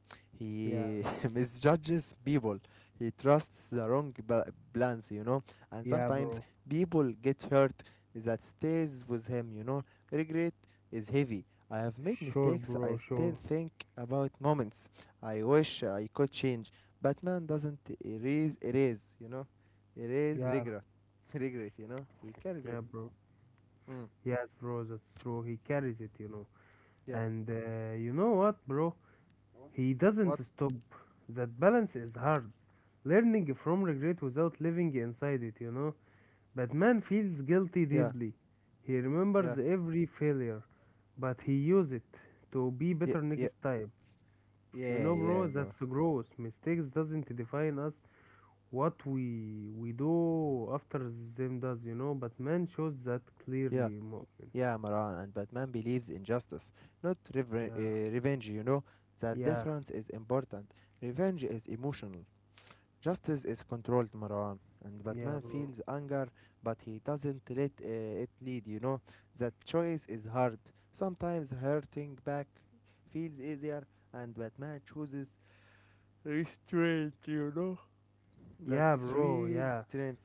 [SPEAKER 2] Yeah,
[SPEAKER 1] He misjudges people. He trusts the plans, you know. And
[SPEAKER 2] yeah,
[SPEAKER 1] sometimes
[SPEAKER 2] bro.
[SPEAKER 1] people get hurt. That stays with him, you know. Regret is heavy. I have made
[SPEAKER 2] Sure,
[SPEAKER 1] mistakes.
[SPEAKER 2] bro,
[SPEAKER 1] I still
[SPEAKER 2] sure.
[SPEAKER 1] think about moments I wish I could change. Batman doesn't erase, erase, you know, erase
[SPEAKER 2] Yeah,
[SPEAKER 1] regret, regret, you know. He carries it.
[SPEAKER 2] yeah, bro.
[SPEAKER 1] Mm,
[SPEAKER 2] Yes, bro, that's true. He carries it, you know.
[SPEAKER 1] yeah.
[SPEAKER 2] And you know what, bro? He
[SPEAKER 1] What?
[SPEAKER 2] doesn't stop. That balance is hard. Learning from regret without living inside it, you know. Batman feels guilty
[SPEAKER 1] Yeah,
[SPEAKER 2] deeply. He remembers
[SPEAKER 1] yeah,
[SPEAKER 2] every failure, but he uses it to be
[SPEAKER 1] yeah,
[SPEAKER 2] better
[SPEAKER 1] yeah,
[SPEAKER 2] next time. You
[SPEAKER 1] yeah,
[SPEAKER 2] know,
[SPEAKER 1] yeah,
[SPEAKER 2] bro,
[SPEAKER 1] Mar-
[SPEAKER 2] that's gross. Mistakes doesn't define us. What we do after them does, you know. Batman shows that
[SPEAKER 1] yeah,
[SPEAKER 2] clearly, Mu'min.
[SPEAKER 1] yeah, Maran. And Batman believes in justice, not
[SPEAKER 2] Yeah,
[SPEAKER 1] revenge. You know that
[SPEAKER 2] yeah,
[SPEAKER 1] difference is important. Revenge is emotional. Justice is controlled, Maran. And
[SPEAKER 2] yeah,
[SPEAKER 1] Batman
[SPEAKER 2] bro.
[SPEAKER 1] feels anger, but he doesn't let it lead. You know that choice is hard. Sometimes hurting back feels easier, and Batman chooses restraint. You know
[SPEAKER 2] Yeah,
[SPEAKER 1] that's
[SPEAKER 2] bro.
[SPEAKER 1] real
[SPEAKER 2] Yeah.
[SPEAKER 1] strength.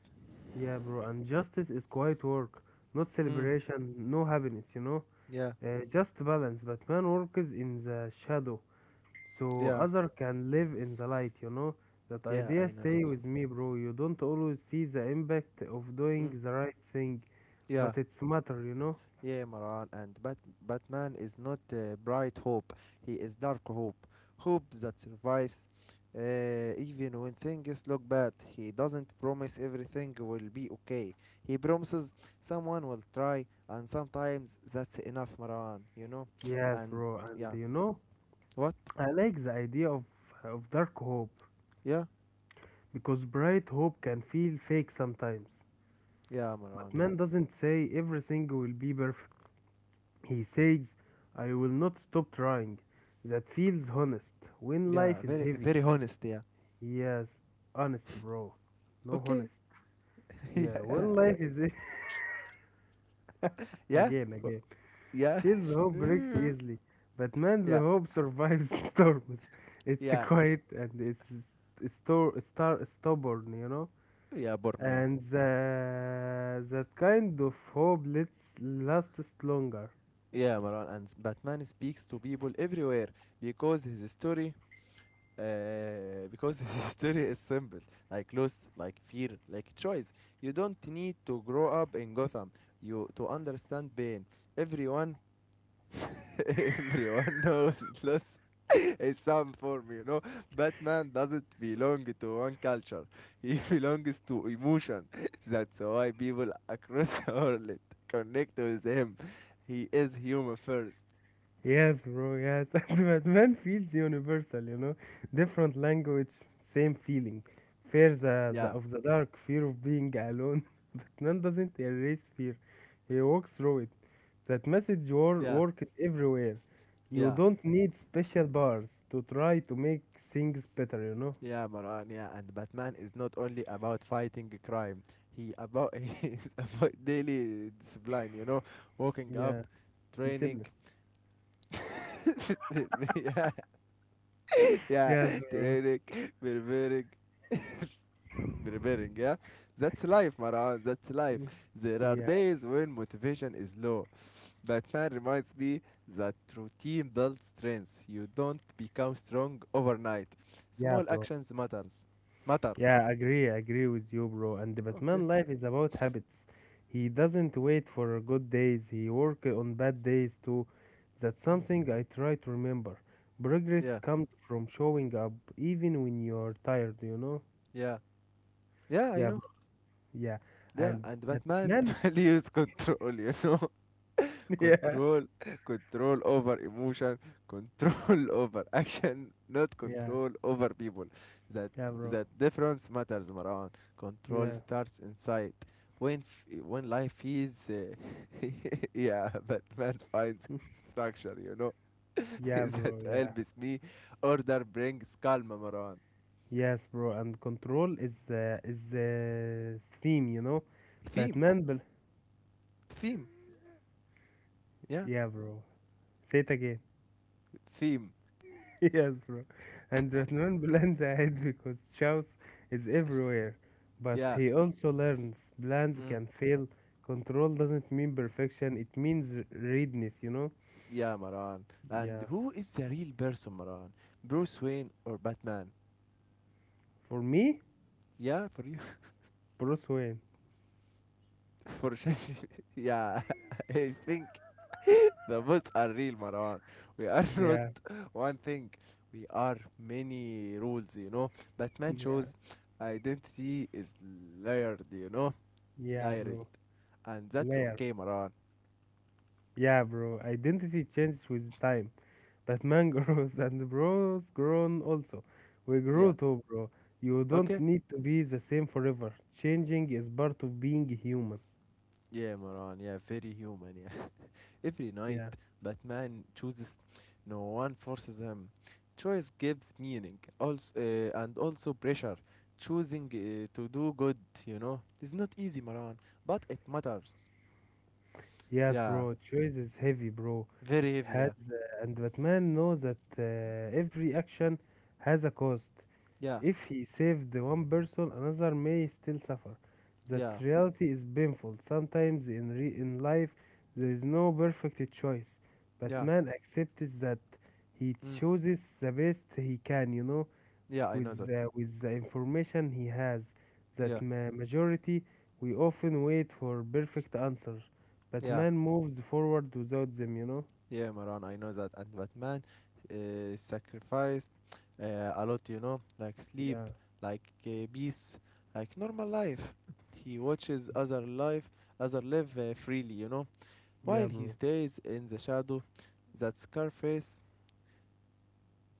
[SPEAKER 2] Yeah, bro, and justice is quiet work, not
[SPEAKER 1] Mm,
[SPEAKER 2] celebration, no happiness, you know?
[SPEAKER 1] yeah.
[SPEAKER 2] Just balance, but man works in the shadow, so
[SPEAKER 1] Yeah,
[SPEAKER 2] other can live in the light, you know? That
[SPEAKER 1] yeah,
[SPEAKER 2] idea
[SPEAKER 1] I know that.
[SPEAKER 2] stay with me, bro. You don't always see the impact of doing
[SPEAKER 1] Mm.
[SPEAKER 2] the right thing,
[SPEAKER 1] Yeah,
[SPEAKER 2] but it's matter, you know?
[SPEAKER 1] yeah, Maran. And Batman is not bright hope, he is dark hope. Hope that survives even when things look bad. He doesn't promise everything will be okay. He promises someone will try, and sometimes that's enough, Maran, you know?
[SPEAKER 2] Yes,
[SPEAKER 1] And
[SPEAKER 2] bro, and
[SPEAKER 1] yeah,
[SPEAKER 2] you know,
[SPEAKER 1] what?
[SPEAKER 2] I like the idea of dark hope,
[SPEAKER 1] Yeah,
[SPEAKER 2] because bright hope can feel fake sometimes.
[SPEAKER 1] yeah, Maran,
[SPEAKER 2] But
[SPEAKER 1] yeah.
[SPEAKER 2] man doesn't say everything will be perfect. He says, I will not stop trying. That feels honest. When
[SPEAKER 1] Yeah,
[SPEAKER 2] life is
[SPEAKER 1] very,
[SPEAKER 2] heavy.
[SPEAKER 1] very honest, yeah.
[SPEAKER 2] Yes, honest, bro. No
[SPEAKER 1] Okay.
[SPEAKER 2] honest. Yeah, when
[SPEAKER 1] yeah,
[SPEAKER 2] life is
[SPEAKER 1] yeah.
[SPEAKER 2] again, again.
[SPEAKER 1] Yeah.
[SPEAKER 2] Feels hope breaks easily. But man's
[SPEAKER 1] yeah.
[SPEAKER 2] hope survives storms. It's
[SPEAKER 1] Yeah.
[SPEAKER 2] quiet and it's stubborn, you know?
[SPEAKER 1] Yeah, Borneo.
[SPEAKER 2] And that kind of hope lets lasts longer.
[SPEAKER 1] Yeah, Marwan. And Batman speaks to people everywhere because his story. Because his story is simple, like loss, like fear, like choice. You don't need to grow up in Gotham you to understand pain. Everyone Everyone knows loss is some form, you know. Batman doesn't belong to one culture, he belongs to emotion. That's why people across the world connect with him. He is human first.
[SPEAKER 2] Yes, bro, yes. And Batman feels universal, you know. Different language, same feeling. Fear
[SPEAKER 1] Yeah,
[SPEAKER 2] of the dark, fear of being alone. Batman doesn't erase fear, he walks through it. That message
[SPEAKER 1] yeah,
[SPEAKER 2] works everywhere. You
[SPEAKER 1] yeah,
[SPEAKER 2] don't need special bars to try to make things better, you know.
[SPEAKER 1] yeah, Marwan. Yeah, and Batman is not only about fighting crime. He about he is about daily discipline. You know, waking
[SPEAKER 2] Yeah,
[SPEAKER 1] up,
[SPEAKER 2] discipline.
[SPEAKER 1] training. yeah, yeah,
[SPEAKER 2] Yes, bro.
[SPEAKER 1] training, preparing, preparing, yeah? That's life, Maran. That's life.
[SPEAKER 2] Mm.
[SPEAKER 1] There are
[SPEAKER 2] Yeah,
[SPEAKER 1] days when motivation is low. Batman reminds me that routine builds strength. You don't become strong overnight.
[SPEAKER 2] yeah,
[SPEAKER 1] Small
[SPEAKER 2] bro.
[SPEAKER 1] actions matters. Matter.
[SPEAKER 2] Yeah, agree, agree with you, bro. And the
[SPEAKER 1] Okay.
[SPEAKER 2] Batman life is about habits. He doesn't wait for good days, he work on bad days too. That's
[SPEAKER 1] Mm.
[SPEAKER 2] something I try to remember. Progress
[SPEAKER 1] Yeah.
[SPEAKER 2] comes from showing up even when you're tired, you know?
[SPEAKER 1] Yeah. Yeah, I
[SPEAKER 2] Yeah, bro.
[SPEAKER 1] know.
[SPEAKER 2] Yeah.
[SPEAKER 1] Yeah,
[SPEAKER 2] And
[SPEAKER 1] and Batman
[SPEAKER 2] Batman,
[SPEAKER 1] values control, you know.
[SPEAKER 2] yeah,
[SPEAKER 1] Control control over emotion, control over action, not
[SPEAKER 2] yeah,
[SPEAKER 1] control over people. that
[SPEAKER 2] yeah, bro.
[SPEAKER 1] that difference matters, Maran. Control
[SPEAKER 2] Yeah.
[SPEAKER 1] starts inside when when life is yeah, but man finds structure, you know.
[SPEAKER 2] Yeah,
[SPEAKER 1] That
[SPEAKER 2] bro. Yeah.
[SPEAKER 1] helps me. Order brings calm, Maran.
[SPEAKER 2] Yes, bro. And control is the stream, you know.
[SPEAKER 1] Theme,
[SPEAKER 2] Batman, bel
[SPEAKER 1] theme, yeah?
[SPEAKER 2] yeah, bro. Say it again.
[SPEAKER 1] Theme,
[SPEAKER 2] Yes, bro. And Batman plans ahead because Chaos is everywhere. But
[SPEAKER 1] yeah.
[SPEAKER 2] he also learns plans
[SPEAKER 1] Mm.
[SPEAKER 2] can fail. Control doesn't mean perfection, it means readiness, you know?
[SPEAKER 1] Yeah, Maran, and
[SPEAKER 2] Yeah.
[SPEAKER 1] who is the real person, Maran? Bruce Wayne or Batman?
[SPEAKER 2] For me,
[SPEAKER 1] Yeah, for you.
[SPEAKER 2] Bruce Wayne.
[SPEAKER 1] For change. Yeah, I think the bots are real, Marwan. We are not
[SPEAKER 2] Yeah.
[SPEAKER 1] one thing. We are many rules, you know. Batman
[SPEAKER 2] Yeah.
[SPEAKER 1] shows identity is layered, you know,
[SPEAKER 2] Yeah,
[SPEAKER 1] layered,
[SPEAKER 2] bro.
[SPEAKER 1] and that's
[SPEAKER 2] Layer.
[SPEAKER 1] okay, Marwan.
[SPEAKER 2] Yeah, bro. Identity changes with time. Batman grows and bro's grown also. We
[SPEAKER 1] Yeah.
[SPEAKER 2] grow too, bro. You don't
[SPEAKER 1] Okay.
[SPEAKER 2] need to be the same forever. Changing is part of being human.
[SPEAKER 1] Yeah, Marwan. Yeah, very human. Yeah. Every night,
[SPEAKER 2] Yeah.
[SPEAKER 1] Batman chooses. No one forces him. Choice gives meaning, also, and also pressure. Choosing to do good, you know, is not easy, Maran, but it matters.
[SPEAKER 2] Yes,
[SPEAKER 1] Yeah,
[SPEAKER 2] bro. Choice is heavy, bro.
[SPEAKER 1] very heavy. Yeah,
[SPEAKER 2] Has and Batman knows that every action has a cost.
[SPEAKER 1] yeah,
[SPEAKER 2] If he saved the one person, another may still suffer. That
[SPEAKER 1] yeah,
[SPEAKER 2] reality is painful. Sometimes in in life, there is no perfect choice, but
[SPEAKER 1] yeah.
[SPEAKER 2] man accepts that he
[SPEAKER 1] Mm.
[SPEAKER 2] chooses the best he can. You know,
[SPEAKER 1] Yeah, I know that.
[SPEAKER 2] with the information he has.
[SPEAKER 1] Yeah,
[SPEAKER 2] That majority, we often wait for perfect answers, but
[SPEAKER 1] yeah.
[SPEAKER 2] man moves forward without them. You know.
[SPEAKER 1] Yeah, Maran, I know that. And Batman sacrificed a lot, you know, like sleep,
[SPEAKER 2] Yeah.
[SPEAKER 1] like peace, like normal life. He watches other life, other live freely, you know,
[SPEAKER 2] Yeah,
[SPEAKER 1] while he
[SPEAKER 2] bro.
[SPEAKER 1] stays in the shadow. That Scarface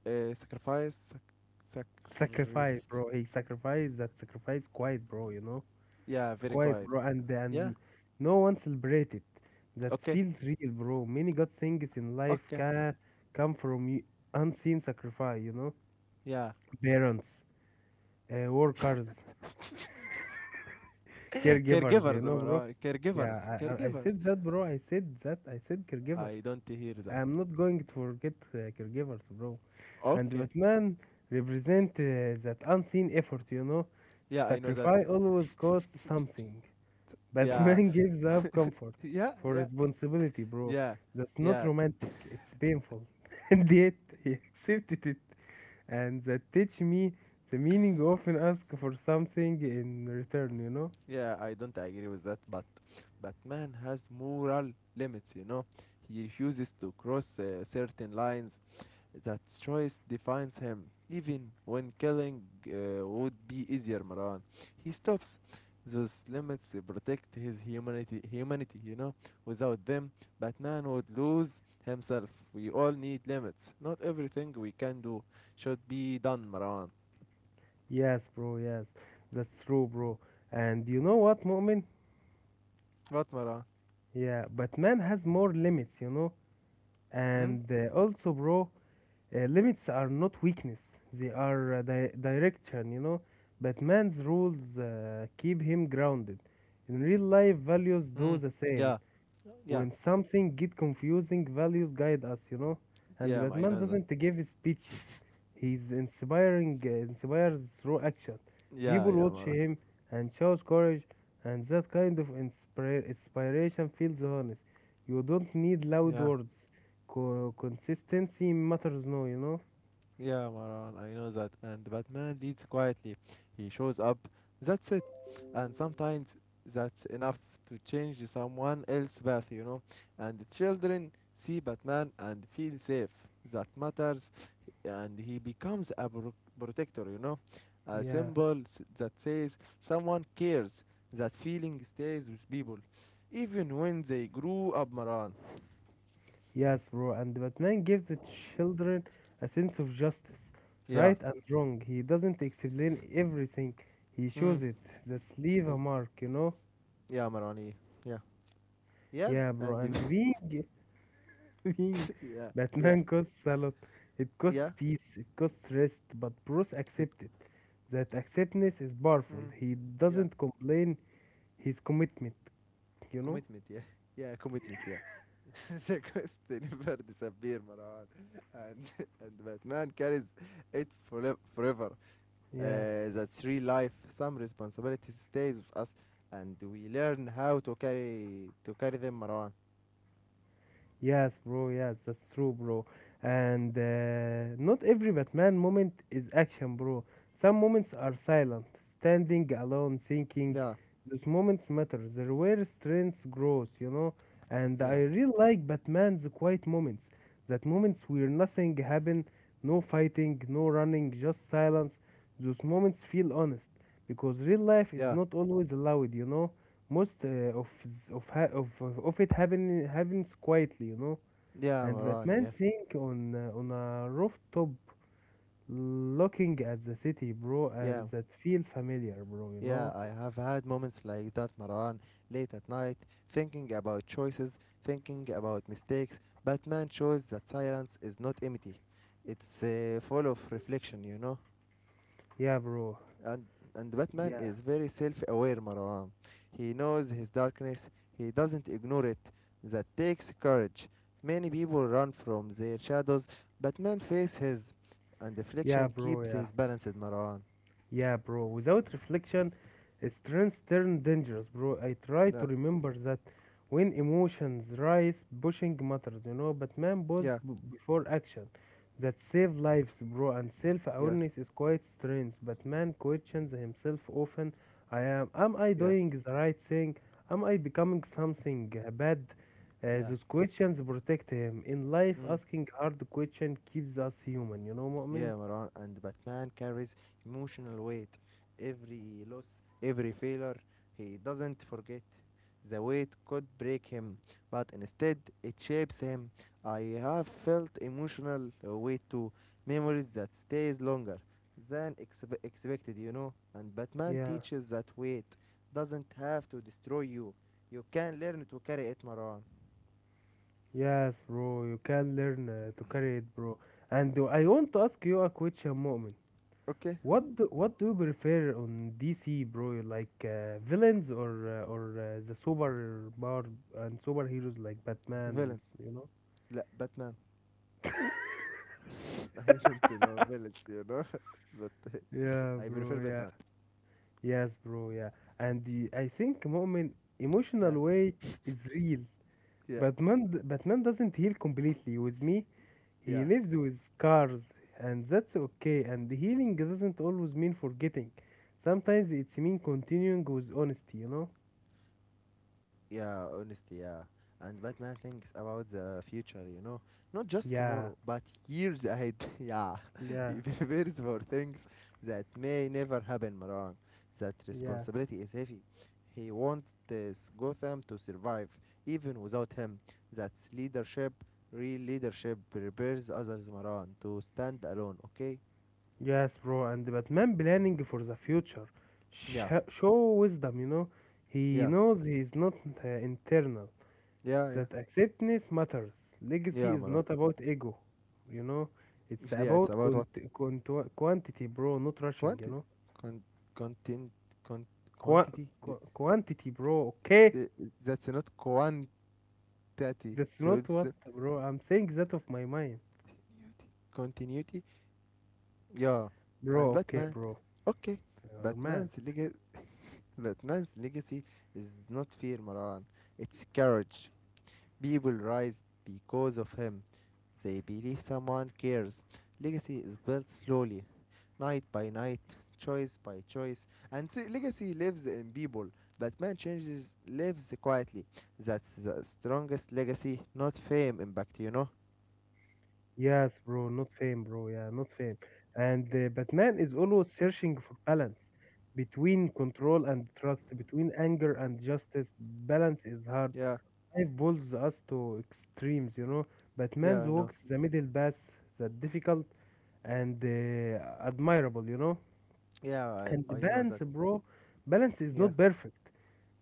[SPEAKER 1] uh, sacrifice, sac- sacrif-
[SPEAKER 2] Sacrifice, bro. He sacrificed that sacrifice quite, bro. You know.
[SPEAKER 1] yeah,
[SPEAKER 2] It's
[SPEAKER 1] very
[SPEAKER 2] quiet,
[SPEAKER 1] quiet.
[SPEAKER 2] bro, and
[SPEAKER 1] Yeah,
[SPEAKER 2] and no one celebrated. That
[SPEAKER 1] okay,
[SPEAKER 2] feels real, bro. Many good things in life
[SPEAKER 1] okay,
[SPEAKER 2] can come from unseen sacrifice, you know.
[SPEAKER 1] yeah.
[SPEAKER 2] Parents, workers, caregivers, you
[SPEAKER 1] caregivers,
[SPEAKER 2] know, bro.
[SPEAKER 1] Maran,
[SPEAKER 2] Yeah,
[SPEAKER 1] caregivers,
[SPEAKER 2] I
[SPEAKER 1] caregivers.
[SPEAKER 2] said that, bro. I said that. I said caregivers.
[SPEAKER 1] I don't hear that.
[SPEAKER 2] I am not going to forget caregivers, bro. And
[SPEAKER 1] Okay,
[SPEAKER 2] Batman represent that unseen effort, you know.
[SPEAKER 1] yeah, I know that.
[SPEAKER 2] Sacrifice always costs something.
[SPEAKER 1] Yeah,
[SPEAKER 2] Batman gives up comfort
[SPEAKER 1] yeah,
[SPEAKER 2] for
[SPEAKER 1] yeah,
[SPEAKER 2] responsibility, bro.
[SPEAKER 1] yeah,
[SPEAKER 2] That's not
[SPEAKER 1] yeah,
[SPEAKER 2] romantic. It's painful. And yet he accepted it. And that teach me the meaning often ask for something in return, you know?
[SPEAKER 1] yeah. I don't agree with that, but Batman has moral limits. You know, he refuses to cross certain lines. That choice defines him, even when killing would be easier. Maran, he stops. Those limits protect his humanity. Humanity, you know. Without them, Batman would lose himself. We all need limits. Not everything we can do should be done, Maran.
[SPEAKER 2] Yes, bro, yes. That's true, bro. And you know what, Mu'min?
[SPEAKER 1] What, Maran?
[SPEAKER 2] Yeah, Batman has more limits, you know?
[SPEAKER 1] Hmm?
[SPEAKER 2] And also, bro, uh, limits are not weakness, they are direction, you know. But man's rules keep him grounded. In real life, values do
[SPEAKER 1] Mm.
[SPEAKER 2] the same.
[SPEAKER 1] Yeah.
[SPEAKER 2] When
[SPEAKER 1] Yeah.
[SPEAKER 2] something get confusing, values guide us, you know. And
[SPEAKER 1] Yeah. I
[SPEAKER 2] Batman
[SPEAKER 1] know that.
[SPEAKER 2] doesn't give speeches. He's inspiring, inspires through action.
[SPEAKER 1] Yeah.
[SPEAKER 2] People
[SPEAKER 1] Yeah,
[SPEAKER 2] watch
[SPEAKER 1] Maran.
[SPEAKER 2] him and shows courage, and that kind of inspiration feels honest. You don't need loud
[SPEAKER 1] Yeah.
[SPEAKER 2] words consistency matters no you know
[SPEAKER 1] Yeah, Maran. I know that. And Batman leads quietly. He shows up. That's it. And sometimes that's enough to change someone else's path, you know. And the children see Batman and feel safe. That matters. And he becomes a protector, you know. A
[SPEAKER 2] yeah,
[SPEAKER 1] symbol that says someone cares. That feeling stays with people. Even when they grew up, Maran.
[SPEAKER 2] yes, bro. And Batman gives the children a sense of justice,
[SPEAKER 1] Yeah,
[SPEAKER 2] right and wrong. He doesn't explain everything, he
[SPEAKER 1] Mm.
[SPEAKER 2] shows it. That's leave
[SPEAKER 1] Mm.
[SPEAKER 2] a mark, you know?
[SPEAKER 1] yeah, Marani. Yeah, yeah,
[SPEAKER 2] Yeah, bro.
[SPEAKER 1] and
[SPEAKER 2] And
[SPEAKER 1] the-
[SPEAKER 2] being, being
[SPEAKER 1] yeah, yeah,
[SPEAKER 2] Batman costs a lot. It costs
[SPEAKER 1] yeah,
[SPEAKER 2] peace, it costs rest, but Bruce
[SPEAKER 1] the-
[SPEAKER 2] accepted. That acceptance is powerful.
[SPEAKER 1] Mm.
[SPEAKER 2] He
[SPEAKER 1] yeah,
[SPEAKER 2] doesn't complain his commitment, you know?
[SPEAKER 1] commitment. Yeah, yeah, commitment. Yeah. The quest never disappear, Marwan, and and Batman carries it forever.
[SPEAKER 2] Yeah.
[SPEAKER 1] That three life, some responsibility stays with us, and we learn how to carry them, Marwan.
[SPEAKER 2] Yes, bro. Yes, that's true, bro. And not every Batman moment is action, bro. Some moments are silent, standing alone, thinking.
[SPEAKER 1] Yeah,
[SPEAKER 2] Those moments matter. They're where strength grows, you know. And I
[SPEAKER 1] yeah,
[SPEAKER 2] really like Batman's quiet moments. That moments where nothing happen, no fighting, no running, just silence. Those moments feel honest because real life is
[SPEAKER 1] yeah,
[SPEAKER 2] not always loud, you know. Most of s- of ha of it happens quietly, you know.
[SPEAKER 1] yeah,
[SPEAKER 2] And
[SPEAKER 1] Marwan.
[SPEAKER 2] Batman
[SPEAKER 1] Yeah,
[SPEAKER 2] sing on a rooftop, looking at the city, bro,
[SPEAKER 1] yeah,
[SPEAKER 2] and that feel familiar, bro. You
[SPEAKER 1] yeah,
[SPEAKER 2] know?
[SPEAKER 1] I have had moments like that, Maran, late at night, thinking about choices, thinking about mistakes. Batman shows that silence is not empty. It's full of reflection, you know.
[SPEAKER 2] Yeah, bro.
[SPEAKER 1] And and Batman
[SPEAKER 2] Yeah,
[SPEAKER 1] is very self-aware, Maran. He knows his darkness. He doesn't ignore it. That takes courage. Many people run from their shadows. Batman faces his, and
[SPEAKER 2] yeah,
[SPEAKER 1] reflection
[SPEAKER 2] bro.
[SPEAKER 1] keeps
[SPEAKER 2] Yeah.
[SPEAKER 1] his balanced, Maran.
[SPEAKER 2] Yeah, bro. Without reflection, strengths turn dangerous, bro. I try
[SPEAKER 1] Yeah,
[SPEAKER 2] to remember that when emotions rise, pushing matters, you know. But man, pause
[SPEAKER 1] yeah,
[SPEAKER 2] before action. That save lives, bro. And
[SPEAKER 1] yeah,
[SPEAKER 2] self-awareness is quite strength. But man questions himself often. I am. Am I
[SPEAKER 1] yeah,
[SPEAKER 2] doing the right thing? Am I becoming something bad?
[SPEAKER 1] yeah.
[SPEAKER 2] Those questions protect him. In life,
[SPEAKER 1] Mm.
[SPEAKER 2] asking hard question keeps us human. You know, Mu'min?
[SPEAKER 1] Yeah, Maran, and Batman carries emotional weight. Every loss, every failure, he doesn't forget. The weight could break him, but instead it shapes him. I have felt emotional weight too, memories that stays longer than expected, you know. And Batman
[SPEAKER 2] Yeah.
[SPEAKER 1] teaches that weight doesn't have to destroy you. You can learn to carry it, Maran.
[SPEAKER 2] Yes, bro, you can learn to carry it, bro. And I want to ask you a question, Mu'min.
[SPEAKER 1] Okay,
[SPEAKER 2] What do you prefer on DC, bro? You like villains or the super power and superheroes like Batman,
[SPEAKER 1] villains.
[SPEAKER 2] you know?
[SPEAKER 1] لا باتمان I didn't know villains, you know, but
[SPEAKER 2] Yeah,
[SPEAKER 1] I
[SPEAKER 2] bro,
[SPEAKER 1] prefer
[SPEAKER 2] yeah.
[SPEAKER 1] Batman.
[SPEAKER 2] Yes, bro, yeah. And the, I think, Mu'min,
[SPEAKER 1] Yeah,
[SPEAKER 2] emotional weight is real.
[SPEAKER 1] yeah,
[SPEAKER 2] Batman doesn't heal completely. With me, he
[SPEAKER 1] yeah,
[SPEAKER 2] lives with scars, and that's okay. And healing doesn't always mean forgetting. Sometimes it's mean continuing with honesty, you know?
[SPEAKER 1] yeah. Honestly, yeah. And Batman thinks about the future, you know, not just
[SPEAKER 2] Yeah,
[SPEAKER 1] tomorrow, but years ahead. yeah,
[SPEAKER 2] yeah,
[SPEAKER 1] he prepares for things that may never happen, Maran. That
[SPEAKER 2] yeah.
[SPEAKER 1] responsibility is heavy. He wants this Gotham to survive, even without him. That's leadership. Real leadership prepares others, Maran, to stand alone. Okay.
[SPEAKER 2] Yes, bro. And Batman planning for the future.
[SPEAKER 1] Yeah.
[SPEAKER 2] Show wisdom, you know? He
[SPEAKER 1] Yeah,
[SPEAKER 2] knows he's not internal.
[SPEAKER 1] yeah, yeah,
[SPEAKER 2] That acceptance matters. Legacy
[SPEAKER 1] yeah,
[SPEAKER 2] is
[SPEAKER 1] Mara.
[SPEAKER 2] not about ego, you know. It's
[SPEAKER 1] Yeah, it's
[SPEAKER 2] about
[SPEAKER 1] about what
[SPEAKER 2] quantity, bro, not rushing, you
[SPEAKER 1] quantity,
[SPEAKER 2] know.
[SPEAKER 1] con- content, con-
[SPEAKER 2] Qua-
[SPEAKER 1] quantity.
[SPEAKER 2] Quantity, bro, okay?
[SPEAKER 1] The, that's not quantity.
[SPEAKER 2] That's not
[SPEAKER 1] That's
[SPEAKER 2] what, bro. I'm saying that of my mind.
[SPEAKER 1] continuity. Yeah, and
[SPEAKER 2] Bro, okay,
[SPEAKER 1] Batman.
[SPEAKER 2] bro.
[SPEAKER 1] Okay,
[SPEAKER 2] You're
[SPEAKER 1] Batman's
[SPEAKER 2] mad.
[SPEAKER 1] legacy. Batman's legacy is not fear, Maran. It's courage. People rise because of him. They believe someone cares. Legacy is built slowly, night by night, choice by choice. And legacy lives in people, but man changes lives quietly. That's the strongest legacy, not fame impact, you know?
[SPEAKER 2] Yes, bro, not fame, bro. Yeah, not fame. And Batman is always searching for balance between control and trust, between anger and justice. Balance is hard,
[SPEAKER 1] Yeah,
[SPEAKER 2] life pulls us to extremes, you know. Batman
[SPEAKER 1] yeah, I know.
[SPEAKER 2] walks the middle path, that difficult and admirable, you know.
[SPEAKER 1] Yeah,
[SPEAKER 2] And the
[SPEAKER 1] I know
[SPEAKER 2] balance,
[SPEAKER 1] that.
[SPEAKER 2] bro, balance is
[SPEAKER 1] Yeah,
[SPEAKER 2] not perfect.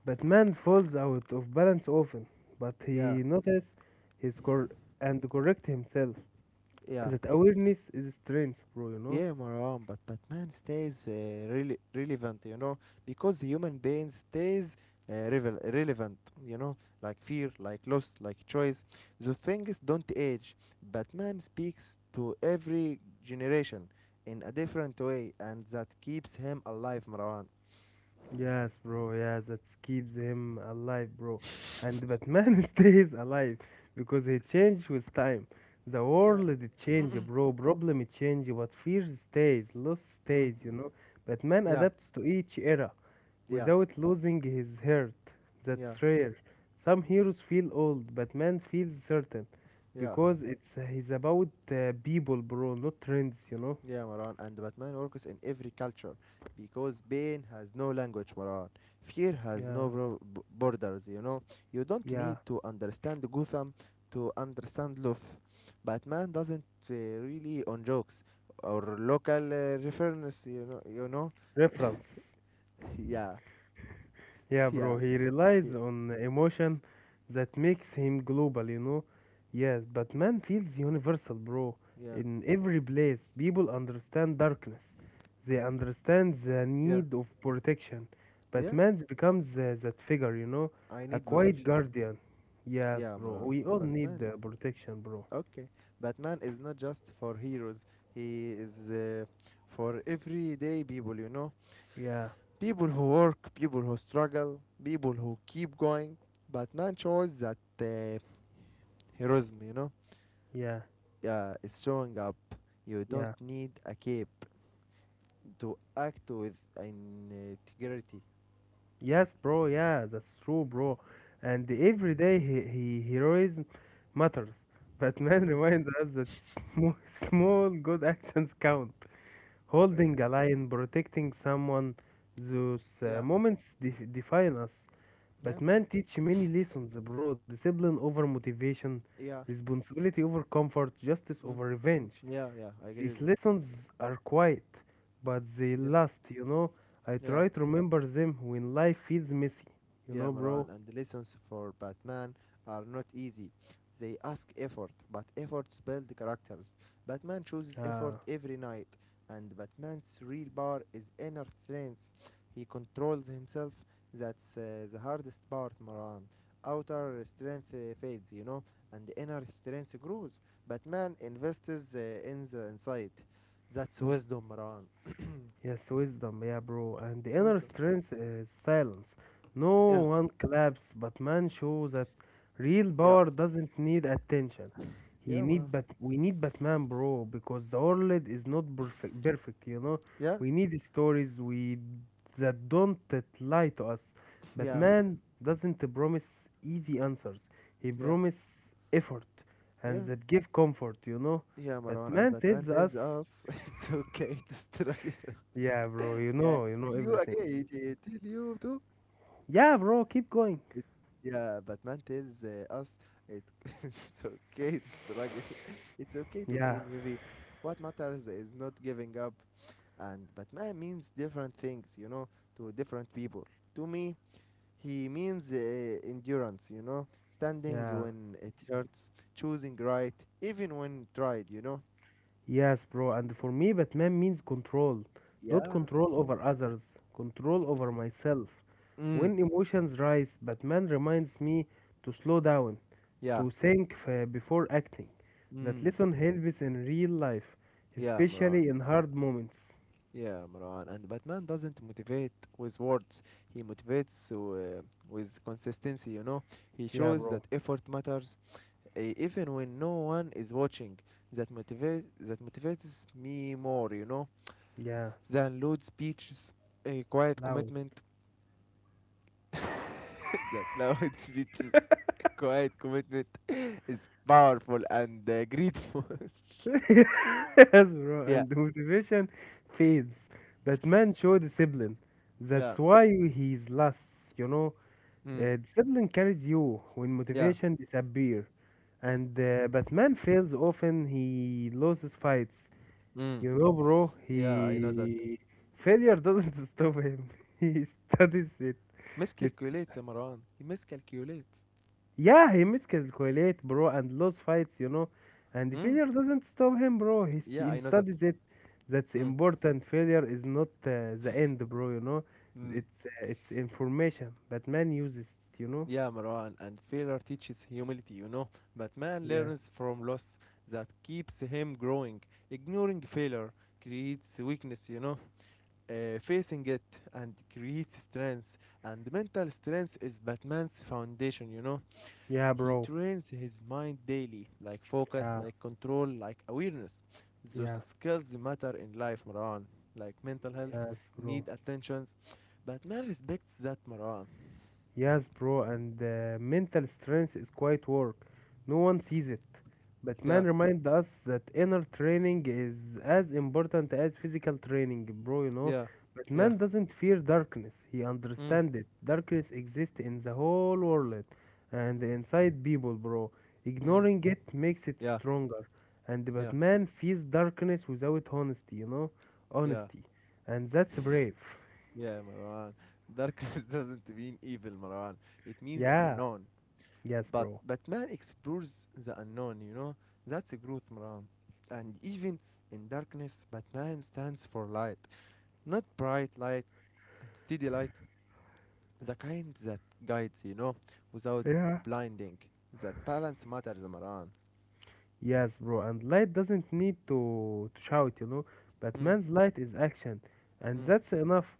[SPEAKER 2] Batman falls out of balance often, but
[SPEAKER 1] yeah,
[SPEAKER 2] he notices his cor- and correct himself.
[SPEAKER 1] yeah.
[SPEAKER 2] That awareness is strength, bro, you know.
[SPEAKER 1] Yeah, Maram, but Batman stays really relevant, you know, because human being stays relevant, you know, like fear, like loss, like choice. The things don't age. Batman speaks to every generation in a different way, and that keeps him alive, Marwan.
[SPEAKER 2] Yes, bro. Yes, that keeps him alive, bro. And Batman stays alive because he changed with time. The
[SPEAKER 1] yeah.
[SPEAKER 2] world it change, bro. Problem it change, but fear stays, loss
[SPEAKER 1] Mm.
[SPEAKER 2] stays. You know, Batman
[SPEAKER 1] Yeah,
[SPEAKER 2] adapts to each era
[SPEAKER 1] yeah,
[SPEAKER 2] without losing his heart.
[SPEAKER 1] yeah,
[SPEAKER 2] That's rare. Some heroes feel old. Batman feels certain
[SPEAKER 1] yeah.
[SPEAKER 2] because it's he's about people, bro, not trends. You know.
[SPEAKER 1] Yeah, Maran, and Batman works in every culture because pain has no language, Maran. Fear has
[SPEAKER 2] Yeah,
[SPEAKER 1] no borders, you know. You don't
[SPEAKER 2] yeah.
[SPEAKER 1] need to understand Gotham to understand Luth. Batman doesn't really on jokes or local reference, You know?
[SPEAKER 2] References.
[SPEAKER 1] yeah,
[SPEAKER 2] Yeah,
[SPEAKER 1] yeah,
[SPEAKER 2] bro, he relies
[SPEAKER 1] yeah,
[SPEAKER 2] on emotion that makes him global, you know? Yes, but man feels universal, bro.
[SPEAKER 1] yeah,
[SPEAKER 2] In every place, people understand darkness. They understand the
[SPEAKER 1] yeah,
[SPEAKER 2] need of protection. But
[SPEAKER 1] yeah.
[SPEAKER 2] man becomes that figure, you know?
[SPEAKER 1] I
[SPEAKER 2] A
[SPEAKER 1] need
[SPEAKER 2] quiet
[SPEAKER 1] protection. Yeah,
[SPEAKER 2] guardian. Yes,
[SPEAKER 1] yeah,
[SPEAKER 2] bro.
[SPEAKER 1] Maran.
[SPEAKER 2] We all need
[SPEAKER 1] Batman
[SPEAKER 2] protection, bro.
[SPEAKER 1] Okay, Batman is not just for heroes. He is for everyday people.
[SPEAKER 2] Yeah,
[SPEAKER 1] People who work, people who struggle, people who keep going. Batman shows that heroism,
[SPEAKER 2] yeah,
[SPEAKER 1] yeah, is showing up. You don't
[SPEAKER 2] yeah.
[SPEAKER 1] need a cape to act with integrity.
[SPEAKER 2] Yes, bro. Yeah, that's true, bro. And
[SPEAKER 1] Okay.
[SPEAKER 2] every day he heroism matters. Batman
[SPEAKER 1] Mm.
[SPEAKER 2] reminds us that small, small good actions count.
[SPEAKER 1] Oh yeah.
[SPEAKER 2] Holding a lion, protecting someone, those
[SPEAKER 1] Yeah.
[SPEAKER 2] moments define us.
[SPEAKER 1] Yeah, man.
[SPEAKER 2] Batman teach many lessons, bro. Discipline over motivation,
[SPEAKER 1] Yeah.
[SPEAKER 2] responsibility over comfort, justice
[SPEAKER 1] Mm.
[SPEAKER 2] over revenge.
[SPEAKER 1] Yeah. Yeah. I agree
[SPEAKER 2] These
[SPEAKER 1] with that.
[SPEAKER 2] lessons are quiet, but they
[SPEAKER 1] Yeah.
[SPEAKER 2] last, you know. I
[SPEAKER 1] Yeah.
[SPEAKER 2] try to remember them when life feels messy, you
[SPEAKER 1] Yeah,
[SPEAKER 2] know, bro.
[SPEAKER 1] Maran, and lessons for Batman are not easy. They ask effort, but efforts build characters. Batman chooses
[SPEAKER 2] Uh,
[SPEAKER 1] effort every night, and Batman's real power is inner strength. He controls himself. That's the hardest part, Maran. Outer strength fades, and inner strength grows. Batman invests in the inside. That's wisdom, Maran.
[SPEAKER 2] Yes, wisdom, yeah, bro. And the inner
[SPEAKER 1] Wisdom.
[SPEAKER 2] strength is silence. No
[SPEAKER 1] Yeah,
[SPEAKER 2] one claps, but man shows that real
[SPEAKER 1] yeah,
[SPEAKER 2] power doesn't need attention. He
[SPEAKER 1] yeah,
[SPEAKER 2] need
[SPEAKER 1] Maran.
[SPEAKER 2] but we need Batman, bro, because the world is not perfect. Perfect, you know.
[SPEAKER 1] Yeah,
[SPEAKER 2] We need stories we that don't that lie to us.
[SPEAKER 1] yeah,
[SPEAKER 2] Batman doesn't promise easy answers. He
[SPEAKER 1] yeah,
[SPEAKER 2] promises effort, and
[SPEAKER 1] yeah.
[SPEAKER 2] that give comfort, you know.
[SPEAKER 1] Yeah, Marwan, and
[SPEAKER 2] Batman
[SPEAKER 1] Batman
[SPEAKER 2] tells us.
[SPEAKER 1] tells us it's okay to struggle.
[SPEAKER 2] Yeah, bro,
[SPEAKER 1] yeah,
[SPEAKER 2] you know
[SPEAKER 1] tell you
[SPEAKER 2] everything.
[SPEAKER 1] again, it tell you too.
[SPEAKER 2] Yeah, bro, keep going.
[SPEAKER 1] It, yeah, Batman tells us it, it's okay to struggle. It's okay to
[SPEAKER 2] Yeah,
[SPEAKER 1] feel heavy. What matters is not giving up. And Batman means different things, to different people. To me, he means endurance, standing
[SPEAKER 2] yeah,
[SPEAKER 1] when it hurts, choosing right, even when tried.
[SPEAKER 2] yes, bro. And for me, Batman means control, not
[SPEAKER 1] Yeah,
[SPEAKER 2] control
[SPEAKER 1] control.
[SPEAKER 2] over others, control over myself.
[SPEAKER 1] Mm.
[SPEAKER 2] When emotions rise, Batman reminds me to slow down,
[SPEAKER 1] Yeah.
[SPEAKER 2] to think before acting. That
[SPEAKER 1] Mm.
[SPEAKER 2] lesson helps in real life,
[SPEAKER 1] Yeah, Imran.
[SPEAKER 2] especially in hard moments.
[SPEAKER 1] Yeah, Imran. And Batman doesn't motivate with words. He motivates with consistency, He
[SPEAKER 2] Yeah,
[SPEAKER 1] shows
[SPEAKER 2] bro.
[SPEAKER 1] that effort matters even when no one is watching. That motivates me more,
[SPEAKER 2] Yeah,
[SPEAKER 1] than loud speeches, a quiet
[SPEAKER 2] loud.
[SPEAKER 1] commitment. that loud speeches, quiet commitment is powerful and grateful.
[SPEAKER 2] Yes, bro,
[SPEAKER 1] yeah.
[SPEAKER 2] and the motivation fades. Batman showed discipline. That's
[SPEAKER 1] Yeah.
[SPEAKER 2] why he's last, you know.
[SPEAKER 1] Mm.
[SPEAKER 2] Discipline carries you when
[SPEAKER 1] Yeah.
[SPEAKER 2] motivation disappears. And Batman fails often, he loses fights.
[SPEAKER 1] Mm.
[SPEAKER 2] You know, bro,
[SPEAKER 1] Yeah, I know that.
[SPEAKER 2] he. Failure doesn't stop him, he studies it. It
[SPEAKER 1] Miscalculates, Marwan. He miscalculates.
[SPEAKER 2] yeah, he miscalculates, bro, and lose fights, you know. And
[SPEAKER 1] Hmm?
[SPEAKER 2] failure doesn't stop him, bro.
[SPEAKER 1] Yeah,
[SPEAKER 2] He
[SPEAKER 1] I know that.
[SPEAKER 2] studies it. That's
[SPEAKER 1] Hmm.
[SPEAKER 2] important. Failure is not the end, bro, you know.
[SPEAKER 1] Hmm.
[SPEAKER 2] It's information, but man uses it, you know.
[SPEAKER 1] Yeah, Marwan, and failure teaches humility. But man
[SPEAKER 2] Yeah.
[SPEAKER 1] learns from loss that keeps him growing. Ignoring failure creates weakness. Facing it and creates strength. And mental strength is Batman's foundation.
[SPEAKER 2] Yeah,
[SPEAKER 1] He
[SPEAKER 2] bro.
[SPEAKER 1] trains his mind daily, like focus,
[SPEAKER 2] Yeah.
[SPEAKER 1] like control, like awareness. Those
[SPEAKER 2] Yeah.
[SPEAKER 1] skills matter in life, Marwan. Like mental health,
[SPEAKER 2] Yes, bro.
[SPEAKER 1] need attentions. But man respects that, Marwan.
[SPEAKER 2] Yes, bro, and mental strength is quite work. No one sees it. But man
[SPEAKER 1] Yeah,
[SPEAKER 2] remind us that inner training is as important as physical training, bro, you know.
[SPEAKER 1] yeah,
[SPEAKER 2] But
[SPEAKER 1] yeah.
[SPEAKER 2] man doesn't fear darkness. He
[SPEAKER 1] Mm,
[SPEAKER 2] understands it. Darkness exists in the whole world and inside people, bro.
[SPEAKER 1] mm,
[SPEAKER 2] Ignoring it makes it
[SPEAKER 1] yeah,
[SPEAKER 2] stronger. And but
[SPEAKER 1] yeah,
[SPEAKER 2] man fears darkness without honesty, you know?
[SPEAKER 1] yeah,
[SPEAKER 2] Honesty. And that's brave.
[SPEAKER 1] yeah, Marwan. Darkness doesn't mean evil, Marwan. It means
[SPEAKER 2] Yeah.
[SPEAKER 1] unknown.
[SPEAKER 2] Yes,
[SPEAKER 1] But
[SPEAKER 2] bro.
[SPEAKER 1] but man explores the unknown, you know? That's a growth, Marwan. And even in darkness, Batman stands for light, not bright light and steady light, the kind that guides, without
[SPEAKER 2] Yeah.
[SPEAKER 1] blinding. That balance matters, Maran.
[SPEAKER 2] Yes, bro, and light doesn't need to shout, you know.
[SPEAKER 1] Mm,
[SPEAKER 2] Batman's light is action, and
[SPEAKER 1] mm,
[SPEAKER 2] that's enough.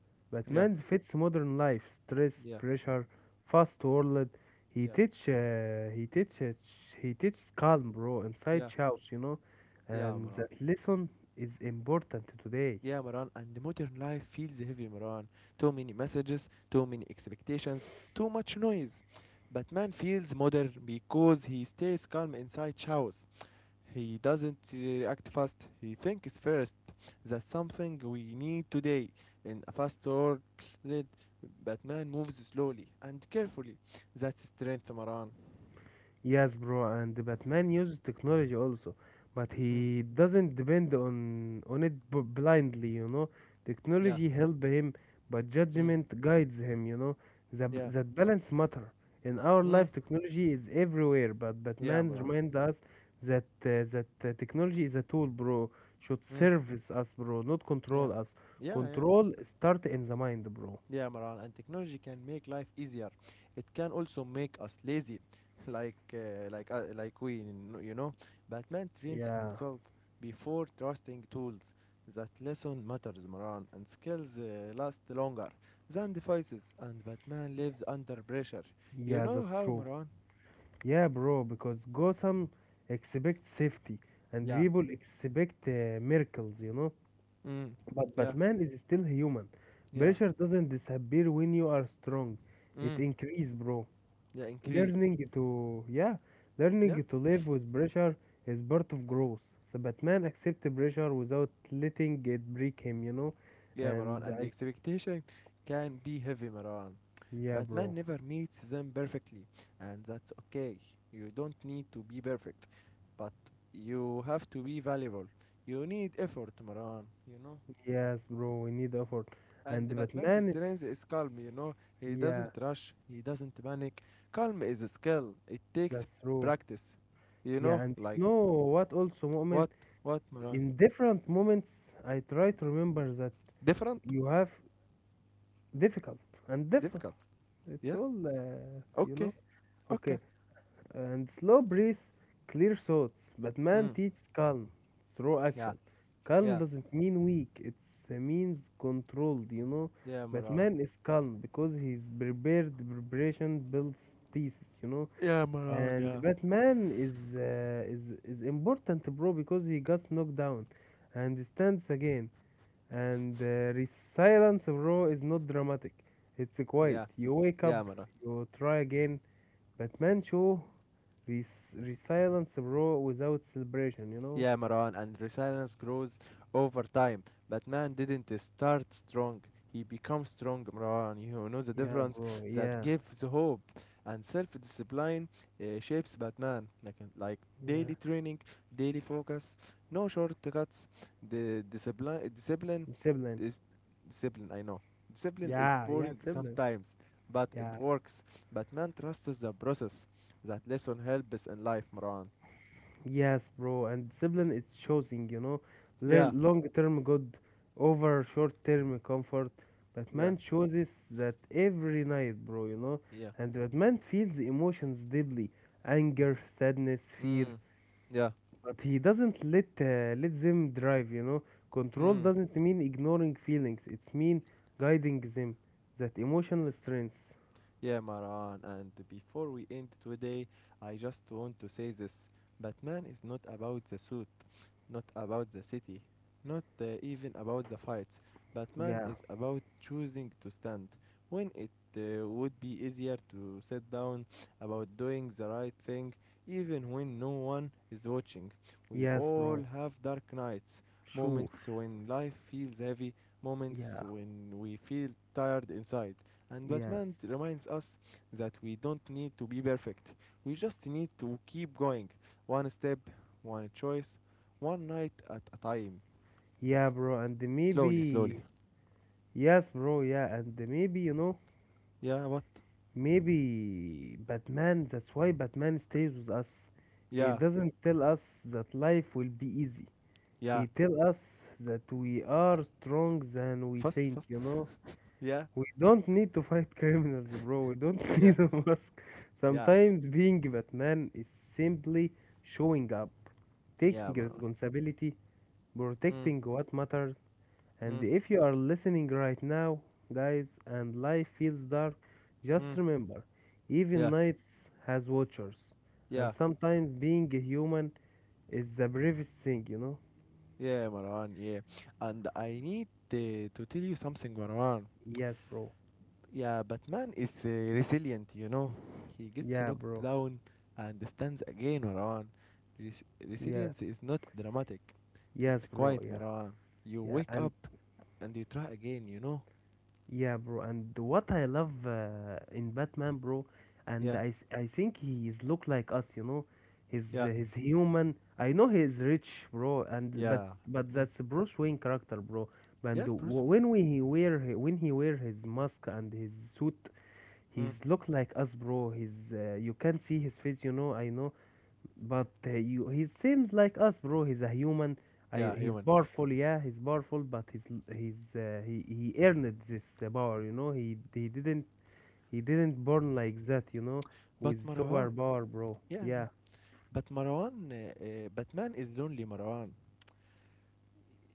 [SPEAKER 1] yeah,
[SPEAKER 2] Batman fits modern life, stress,
[SPEAKER 1] yeah,
[SPEAKER 2] pressure, fast world.
[SPEAKER 1] yeah,
[SPEAKER 2] He teaches calm, bro, inside
[SPEAKER 1] yeah,
[SPEAKER 2] shouts, you know,
[SPEAKER 1] yeah,
[SPEAKER 2] and
[SPEAKER 1] Maran.
[SPEAKER 2] that lesson is important today.
[SPEAKER 1] Yeah, Maran. And modern life feels heavy, Maran. Too many messages, too many expectations, too much noise. But man feels modern because he stays calm inside chaos. He doesn't react fast. He thinks first. That's something we need today. In a fast world, Batman moves slowly and carefully. That's strength, Maran.
[SPEAKER 2] Yes, bro, and Batman uses technology also, but
[SPEAKER 1] Mm.
[SPEAKER 2] he doesn't depend on blindly, you know.
[SPEAKER 1] Yeah.
[SPEAKER 2] Technology help him, but
[SPEAKER 1] Mm.
[SPEAKER 2] judgment guides him, you know. That
[SPEAKER 1] Yeah.
[SPEAKER 2] that balance matter. In our
[SPEAKER 1] Mm.
[SPEAKER 2] life, technology is everywhere, but
[SPEAKER 1] Yeah,
[SPEAKER 2] Batman
[SPEAKER 1] Maran.
[SPEAKER 2] reminds us that technology is a tool, bro. Should
[SPEAKER 1] Mm.
[SPEAKER 2] service us, bro, not
[SPEAKER 1] Yeah.
[SPEAKER 2] control us.
[SPEAKER 1] Yeah, yeah.
[SPEAKER 2] Control start in the mind, bro.
[SPEAKER 1] Yeah, Maran, and technology can make life easier. It can also make us lazy, like you know. Batman trains
[SPEAKER 2] Yeah,
[SPEAKER 1] himself before trusting tools. That lesson matters, Maran, and skills last longer than devices. And Batman lives under pressure. You
[SPEAKER 2] yeah,
[SPEAKER 1] know
[SPEAKER 2] that's
[SPEAKER 1] how,
[SPEAKER 2] true.
[SPEAKER 1] Maran?
[SPEAKER 2] Yeah, bro, because Gotham expects safety and
[SPEAKER 1] Yeah.
[SPEAKER 2] people expect miracles, you know.
[SPEAKER 1] Mm.
[SPEAKER 2] But
[SPEAKER 1] Yeah.
[SPEAKER 2] Batman is still human.
[SPEAKER 1] Yeah.
[SPEAKER 2] Pressure doesn't disappear when you are strong. It
[SPEAKER 1] Mm.
[SPEAKER 2] increase, bro.
[SPEAKER 1] Yeah. Increase.
[SPEAKER 2] Learning to yeah,
[SPEAKER 1] Yeah.
[SPEAKER 2] learning to live with pressure is part of growth. So Batman accept pressure without letting it break him, you know.
[SPEAKER 1] Yeah, Maran,
[SPEAKER 2] And
[SPEAKER 1] and the
[SPEAKER 2] I,
[SPEAKER 1] expectation can be heavy, Maran.
[SPEAKER 2] yeah,
[SPEAKER 1] Batman
[SPEAKER 2] bro.
[SPEAKER 1] never meets them perfectly, and that's okay. You don't need to be perfect, but you have to be valuable. You need effort, Maran, you know?
[SPEAKER 2] Yes, bro. We need effort.
[SPEAKER 1] And
[SPEAKER 2] And
[SPEAKER 1] Batman's
[SPEAKER 2] Batman
[SPEAKER 1] strength
[SPEAKER 2] is,
[SPEAKER 1] is calm, you know? He
[SPEAKER 2] yeah,
[SPEAKER 1] doesn't rush, he doesn't panic. Calm is a skill, it takes
[SPEAKER 2] that's true.
[SPEAKER 1] practice, you
[SPEAKER 2] Yeah,
[SPEAKER 1] know?
[SPEAKER 2] and you
[SPEAKER 1] Like,
[SPEAKER 2] know what also, moment,
[SPEAKER 1] what? What, Maran?
[SPEAKER 2] in different moments, I try to remember that
[SPEAKER 1] Different?
[SPEAKER 2] you have difficult and different.
[SPEAKER 1] Difficult,
[SPEAKER 2] It's
[SPEAKER 1] yeah?
[SPEAKER 2] all, you
[SPEAKER 1] Okay,
[SPEAKER 2] know?
[SPEAKER 1] okay.
[SPEAKER 2] Okay. And slow breath, clear thoughts. But man
[SPEAKER 1] Mm.
[SPEAKER 2] teaches calm through
[SPEAKER 1] Yeah,
[SPEAKER 2] action. Calm
[SPEAKER 1] yeah,
[SPEAKER 2] doesn't mean weak, it means controlled, you know?
[SPEAKER 1] yeah,
[SPEAKER 2] But
[SPEAKER 1] Maran.
[SPEAKER 2] man is calm because he's prepared. Preparation builds peace, you know?
[SPEAKER 1] Yeah, Maran,
[SPEAKER 2] And
[SPEAKER 1] yeah.
[SPEAKER 2] Batman is important, bro, because he gets knocked down and stands again. And silence, bro, is not dramatic. It's quiet.
[SPEAKER 1] Yeah,
[SPEAKER 2] You wake up,
[SPEAKER 1] yeah, Maran.
[SPEAKER 2] you try again. Batman show resilience, bro, without celebration. You know?
[SPEAKER 1] Yeah, Maran, and resilience grows over time. But man didn't start strong. He becomes strong, Maran. You know the
[SPEAKER 2] Yeah,
[SPEAKER 1] difference
[SPEAKER 2] bro.
[SPEAKER 1] that
[SPEAKER 2] Yeah,
[SPEAKER 1] gives hope. And self-discipline shapes Batman, like
[SPEAKER 2] yeah.
[SPEAKER 1] daily training, daily focus, no shortcuts. The discipline, discipline,
[SPEAKER 2] Sibling.
[SPEAKER 1] dis- discipline. I know discipline is
[SPEAKER 2] Yeah, yeah,
[SPEAKER 1] boring
[SPEAKER 2] sibling.
[SPEAKER 1] sometimes, but it
[SPEAKER 2] Yeah.
[SPEAKER 1] works. Batman trusts the process. That lesson helps in life, Maran.
[SPEAKER 2] Yes, bro, and discipline is choosing, you know,
[SPEAKER 1] Yeah.
[SPEAKER 2] long-term good over short-term comfort.
[SPEAKER 1] Yeah.
[SPEAKER 2] Batman chooses that every night, bro, you know,
[SPEAKER 1] Yeah.
[SPEAKER 2] and Batman feels emotions deeply, anger, sadness, fear,
[SPEAKER 1] Mm. Yeah.
[SPEAKER 2] but he doesn't let them drive, you know. Control
[SPEAKER 1] Mm.
[SPEAKER 2] doesn't mean ignoring feelings; it's mean guiding them. That emotional strength.
[SPEAKER 1] Yeah, Maran, and before we end today, I just want to say this. Batman is not about the suit, not about the city, not even about the fights. Batman
[SPEAKER 2] Yeah.
[SPEAKER 1] is about choosing to stand when it would be easier to sit down, about doing the right thing, even when no one is watching. We
[SPEAKER 2] Yes,
[SPEAKER 1] all
[SPEAKER 2] bro.
[SPEAKER 1] have dark nights,
[SPEAKER 2] Sure.
[SPEAKER 1] moments when life feels heavy, moments
[SPEAKER 2] Yeah.
[SPEAKER 1] when we feel tired inside. And Batman
[SPEAKER 2] Yes.
[SPEAKER 1] reminds us that we don't need to be perfect. We just need to keep going. One step, one choice, one night at a time.
[SPEAKER 2] Yeah, bro, and
[SPEAKER 1] Slowly, slowly.
[SPEAKER 2] maybe. Yes, bro, yeah, and maybe, you know,
[SPEAKER 1] Yeah, what?
[SPEAKER 2] maybe Batman, that's why Batman stays with us. He
[SPEAKER 1] Yeah,
[SPEAKER 2] doesn't tell us that life will be easy.
[SPEAKER 1] yeah.
[SPEAKER 2] He tell us that we are strong than we
[SPEAKER 1] Fast,
[SPEAKER 2] think,
[SPEAKER 1] fast.
[SPEAKER 2] you know.
[SPEAKER 1] yeah,
[SPEAKER 2] We don't need to fight criminals, bro. We don't
[SPEAKER 1] yeah,
[SPEAKER 2] need a mask.
[SPEAKER 1] yeah.
[SPEAKER 2] Sometimes being Batman is simply showing up,
[SPEAKER 1] Yeah,
[SPEAKER 2] taking
[SPEAKER 1] Marwan.
[SPEAKER 2] responsibility,
[SPEAKER 1] Mm,
[SPEAKER 2] protecting what matters, and
[SPEAKER 1] mm,
[SPEAKER 2] if you are listening right now, guys, and life feels dark, just
[SPEAKER 1] mm.
[SPEAKER 2] remember, even
[SPEAKER 1] Yeah,
[SPEAKER 2] nights has watchers. And
[SPEAKER 1] yeah,
[SPEAKER 2] sometimes being a human is the bravest thing, you know?
[SPEAKER 1] yeah, Marwan, yeah. And I need to tell you something, Marwan.
[SPEAKER 2] Yes, bro.
[SPEAKER 1] Yeah, Batman is resilient. He gets
[SPEAKER 2] Yeah,
[SPEAKER 1] knocked
[SPEAKER 2] bro.
[SPEAKER 1] down and stands again, Marwan.
[SPEAKER 2] Yeah.
[SPEAKER 1] Resilience is not dramatic.
[SPEAKER 2] Yes,
[SPEAKER 1] It's
[SPEAKER 2] bro.
[SPEAKER 1] quiet,
[SPEAKER 2] Yeah.
[SPEAKER 1] Marwan. You
[SPEAKER 2] Yeah.
[SPEAKER 1] wake
[SPEAKER 2] And
[SPEAKER 1] up and you try again.
[SPEAKER 2] yeah, bro. And what I love in Batman, bro,
[SPEAKER 1] Yeah,
[SPEAKER 2] I think he is look like us, you know.
[SPEAKER 1] yeah,
[SPEAKER 2] He's human. I know he is rich, bro, and
[SPEAKER 1] yeah.
[SPEAKER 2] but
[SPEAKER 1] Mm.
[SPEAKER 2] that's Bruce Wayne character, bro. And
[SPEAKER 1] Yeah, Bruce
[SPEAKER 2] when he wear his mask and his suit,
[SPEAKER 1] Wayne. Mm.
[SPEAKER 2] he's look like us, bro. He's you can't see his face, you know. I know but he seems like us, bro. He's a human.
[SPEAKER 1] Yeah,
[SPEAKER 2] He's
[SPEAKER 1] human.
[SPEAKER 2] powerful, yeah, he's powerful, but he earned this power, you know. He didn't born like that, you know,
[SPEAKER 1] But
[SPEAKER 2] with super
[SPEAKER 1] Marwan.
[SPEAKER 2] power, bro.
[SPEAKER 1] Yeah, yeah.
[SPEAKER 2] Yeah,
[SPEAKER 1] But Marwan, Batman is lonely, Marwan.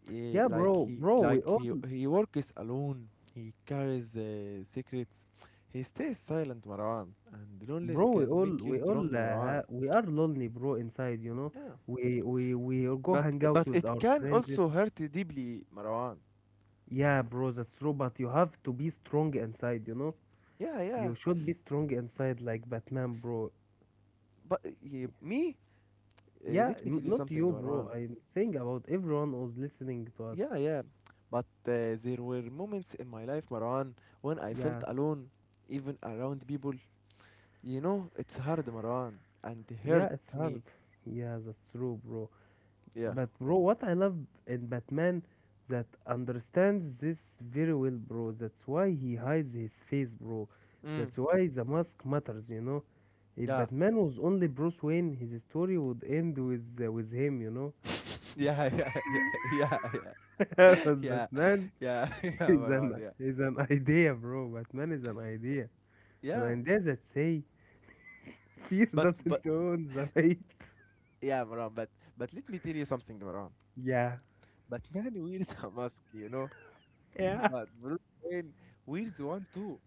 [SPEAKER 1] eh,
[SPEAKER 2] yeah,
[SPEAKER 1] like
[SPEAKER 2] bro,
[SPEAKER 1] he
[SPEAKER 2] bro. We
[SPEAKER 1] like
[SPEAKER 2] all,
[SPEAKER 1] he he works alone. He carries secrets. He stays silent, Marwan, and loneliness
[SPEAKER 2] bro,
[SPEAKER 1] can make you strong, Marwan.
[SPEAKER 2] we are lonely, bro, inside, you know.
[SPEAKER 1] Yeah.
[SPEAKER 2] We all go
[SPEAKER 1] but
[SPEAKER 2] hang out
[SPEAKER 1] but
[SPEAKER 2] with
[SPEAKER 1] it
[SPEAKER 2] our
[SPEAKER 1] can
[SPEAKER 2] friends.
[SPEAKER 1] also hurt you deeply, Marwan.
[SPEAKER 2] Yeah, bro, that's true. But you have to be strong inside, you know.
[SPEAKER 1] Yeah, yeah.
[SPEAKER 2] You should be strong inside, like Batman, bro.
[SPEAKER 1] But eh, me
[SPEAKER 2] Yeah,
[SPEAKER 1] let me tell you
[SPEAKER 2] not
[SPEAKER 1] something,
[SPEAKER 2] you, bro.
[SPEAKER 1] Marwan.
[SPEAKER 2] I'm saying about everyone who's listening to us.
[SPEAKER 1] Yeah, yeah. But there were moments in my life, Marwan, when I felt
[SPEAKER 2] Yeah,
[SPEAKER 1] alone, even around people. You know it's hard, Marwan, and
[SPEAKER 2] yeah,
[SPEAKER 1] hurt
[SPEAKER 2] it's
[SPEAKER 1] me.
[SPEAKER 2] hard. Yeah, that's true, bro.
[SPEAKER 1] Yeah.
[SPEAKER 2] But bro, what I love in Batman that understands this very well, bro. That's why he hides his face, bro.
[SPEAKER 1] Mm.
[SPEAKER 2] That's why the mask matters, you know. If
[SPEAKER 1] Yeah.
[SPEAKER 2] Batman was only Bruce Wayne, his story would end with him, you know.
[SPEAKER 1] Yeah, yeah, yeah, yeah, yeah,
[SPEAKER 2] But
[SPEAKER 1] yeah,
[SPEAKER 2] Batman
[SPEAKER 1] yeah, yeah,
[SPEAKER 2] is
[SPEAKER 1] Maran,
[SPEAKER 2] an
[SPEAKER 1] yeah,
[SPEAKER 2] is an idea, bro. Batman is an
[SPEAKER 1] yeah.
[SPEAKER 2] idea that say fear
[SPEAKER 1] But
[SPEAKER 2] doesn't own the night.
[SPEAKER 1] yeah, Maran. But let me tell you something, Maran.
[SPEAKER 2] Yeah,
[SPEAKER 1] Batman wears a mask.
[SPEAKER 2] yeah,
[SPEAKER 1] But Bruce Wayne wears one too,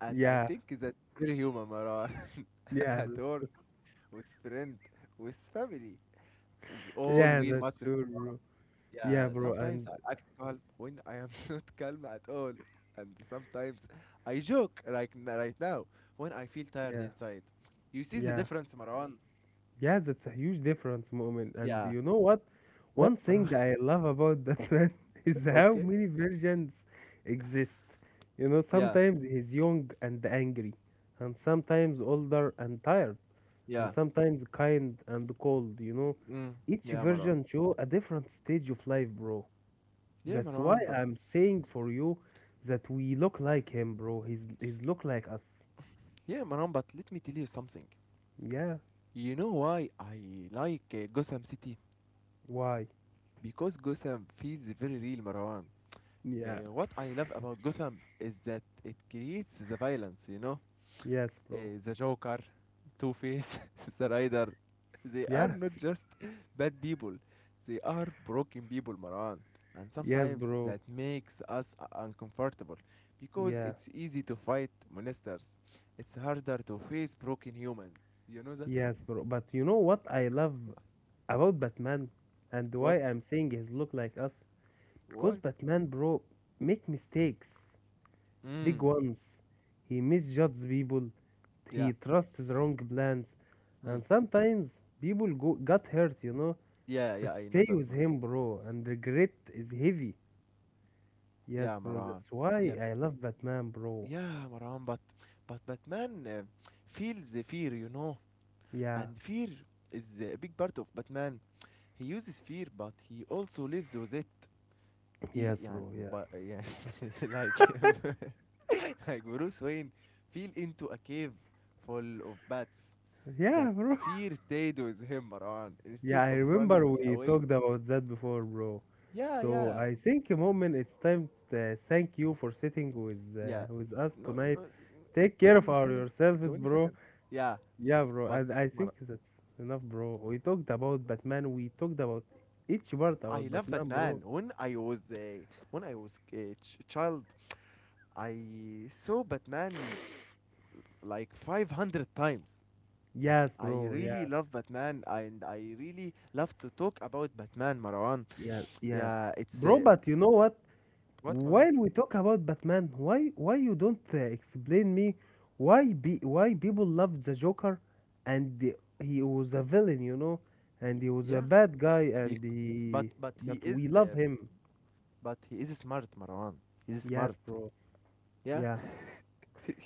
[SPEAKER 1] and I
[SPEAKER 2] yeah,
[SPEAKER 1] think that's very human, Maran.
[SPEAKER 2] yeah,
[SPEAKER 1] At work,
[SPEAKER 2] that's
[SPEAKER 1] with friend, with family, we all
[SPEAKER 2] yeah,
[SPEAKER 1] wear
[SPEAKER 2] that's
[SPEAKER 1] masks.
[SPEAKER 2] sure, bro. Yeah,
[SPEAKER 1] Yeah,
[SPEAKER 2] bro,
[SPEAKER 1] sometimes
[SPEAKER 2] and
[SPEAKER 1] I act calm when I am not calm at all, and sometimes I joke like right now when I feel tired
[SPEAKER 2] yeah,
[SPEAKER 1] inside. You see the
[SPEAKER 2] yeah,
[SPEAKER 1] difference, Marwan?
[SPEAKER 2] yeah, that's a huge difference moment. And
[SPEAKER 1] Yeah.
[SPEAKER 2] you know what?
[SPEAKER 1] What,
[SPEAKER 2] One
[SPEAKER 1] Marwan?
[SPEAKER 2] thing I love about that man is how
[SPEAKER 1] Okay.
[SPEAKER 2] many versions exist. You know,
[SPEAKER 1] Yeah,
[SPEAKER 2] sometimes he's young and angry, and sometimes older and tired, and
[SPEAKER 1] yeah.
[SPEAKER 2] sometimes kind and cold, you know.
[SPEAKER 1] Mm,
[SPEAKER 2] Each
[SPEAKER 1] yeah, Marwan.
[SPEAKER 2] version show a different stage of life, bro.
[SPEAKER 1] Yeah,
[SPEAKER 2] That's why
[SPEAKER 1] Marwan, but
[SPEAKER 2] I'm saying for you that we look like him, bro. He's look like us.
[SPEAKER 1] yeah, Marwan, but let me tell you something.
[SPEAKER 2] Yeah.
[SPEAKER 1] You know why I like Gotham City?
[SPEAKER 2] Why?
[SPEAKER 1] Because Gotham feels very real, Marwan.
[SPEAKER 2] Yeah.
[SPEAKER 1] What I love about Gotham is that it creates the violence, you know?
[SPEAKER 2] Yes, bro.
[SPEAKER 1] The Joker, Two Face, the Rider, they are not
[SPEAKER 2] Yes.
[SPEAKER 1] just bad people, they are broken people, Maran. And
[SPEAKER 2] Yes,
[SPEAKER 1] sometimes
[SPEAKER 2] bro.
[SPEAKER 1] that makes us uncomfortable because
[SPEAKER 2] Yeah.
[SPEAKER 1] it's easy to fight monsters. It's harder to face broken humans. You know that?
[SPEAKER 2] Yes, bro. But you know what I love about Batman and why
[SPEAKER 1] What?
[SPEAKER 2] I'm saying he's look like us? Because
[SPEAKER 1] Why?
[SPEAKER 2] Batman, bro, make mistakes, big
[SPEAKER 1] Mm.
[SPEAKER 2] ones. He misjudges people.
[SPEAKER 1] Yeah.
[SPEAKER 2] He trusts the wrong plans,
[SPEAKER 1] Mm.
[SPEAKER 2] and sometimes people go got hurt. You know,
[SPEAKER 1] Yeah, yeah,
[SPEAKER 2] that
[SPEAKER 1] I know
[SPEAKER 2] stay
[SPEAKER 1] that,
[SPEAKER 2] with
[SPEAKER 1] man.
[SPEAKER 2] him, bro, and regret is heavy. Yes,
[SPEAKER 1] Yeah,
[SPEAKER 2] bro,
[SPEAKER 1] Maran.
[SPEAKER 2] that's why
[SPEAKER 1] Yeah.
[SPEAKER 2] I love Batman, bro.
[SPEAKER 1] Yeah, Maran, but Batman feels the fear, you know.
[SPEAKER 2] Yeah,
[SPEAKER 1] And fear is a big part of Batman. He uses fear, but he also lives with it.
[SPEAKER 2] yes,
[SPEAKER 1] إي- يعني
[SPEAKER 2] bro, yeah.
[SPEAKER 1] but يعني like like Bruce Wayne fell into a cave full of bats. That
[SPEAKER 2] Yeah, bro.
[SPEAKER 1] fear stayed with him, Marwan,
[SPEAKER 2] Yeah,
[SPEAKER 1] instead
[SPEAKER 2] I
[SPEAKER 1] of
[SPEAKER 2] remember
[SPEAKER 1] running
[SPEAKER 2] we
[SPEAKER 1] away.
[SPEAKER 2] talked about that before, bro.
[SPEAKER 1] Yeah,
[SPEAKER 2] So
[SPEAKER 1] yeah,
[SPEAKER 2] I think, moment, it's time to thank you for sitting
[SPEAKER 1] yeah.
[SPEAKER 2] with us
[SPEAKER 1] No,
[SPEAKER 2] tonight.
[SPEAKER 1] no.
[SPEAKER 2] Take care of
[SPEAKER 1] 20,
[SPEAKER 2] our
[SPEAKER 1] 20,
[SPEAKER 2] yourselves,
[SPEAKER 1] twenty
[SPEAKER 2] bro.
[SPEAKER 1] second, yeah.
[SPEAKER 2] Yeah, bro,
[SPEAKER 1] But
[SPEAKER 2] and I
[SPEAKER 1] Mar-
[SPEAKER 2] think that's enough, bro. We talked about Batman. We talked about each part
[SPEAKER 1] I
[SPEAKER 2] about
[SPEAKER 1] love
[SPEAKER 2] Batman,
[SPEAKER 1] Batman
[SPEAKER 2] bro.
[SPEAKER 1] when I was a child. I saw Batman like 500 times.
[SPEAKER 2] Yes,
[SPEAKER 1] I
[SPEAKER 2] bro.
[SPEAKER 1] really
[SPEAKER 2] Yeah.
[SPEAKER 1] love Batman, and I really love to talk about Batman, Marwan.
[SPEAKER 2] Yeah, yeah,
[SPEAKER 1] Yeah, it's
[SPEAKER 2] bro. But you know what?
[SPEAKER 1] what, Marwan?
[SPEAKER 2] While we talk about Batman, why you don't explain me why people love the Joker, and the- he was a villain, you know, and he was a
[SPEAKER 1] Yeah,
[SPEAKER 2] bad guy,
[SPEAKER 1] bec-
[SPEAKER 2] and he
[SPEAKER 1] but
[SPEAKER 2] but we love him.
[SPEAKER 1] he is smart, Marwan. He's
[SPEAKER 2] Yes,
[SPEAKER 1] smart.
[SPEAKER 2] bro.
[SPEAKER 1] Yeah.
[SPEAKER 2] Yeah,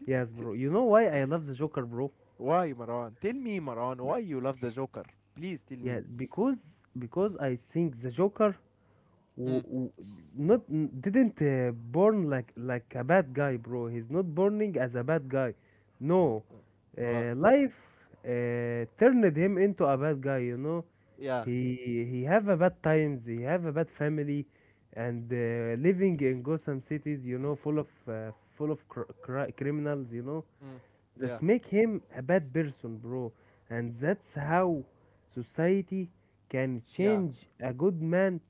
[SPEAKER 2] yes, bro. You know why I love the Joker, bro?
[SPEAKER 1] Why, Marwan? Tell me, Marwan,
[SPEAKER 2] Y-
[SPEAKER 1] why you love the Joker? Please tell
[SPEAKER 2] Yeah,
[SPEAKER 1] me.
[SPEAKER 2] because I think the Joker,
[SPEAKER 1] Mm.
[SPEAKER 2] w- w- not n- didn't born like a bad guy, bro. He's not burning as a bad guy.
[SPEAKER 1] Mm.
[SPEAKER 2] No,
[SPEAKER 1] Mm. Oh,
[SPEAKER 2] life turned him into a bad guy. You know,
[SPEAKER 1] yeah.
[SPEAKER 2] he have a bad times. He have a bad family, and living in Gotham cities. You know, full of criminals. You know,
[SPEAKER 1] Mm. Yeah.
[SPEAKER 2] that make him a bad person, bro. And that's how society can
[SPEAKER 1] Yeah.
[SPEAKER 2] change a good man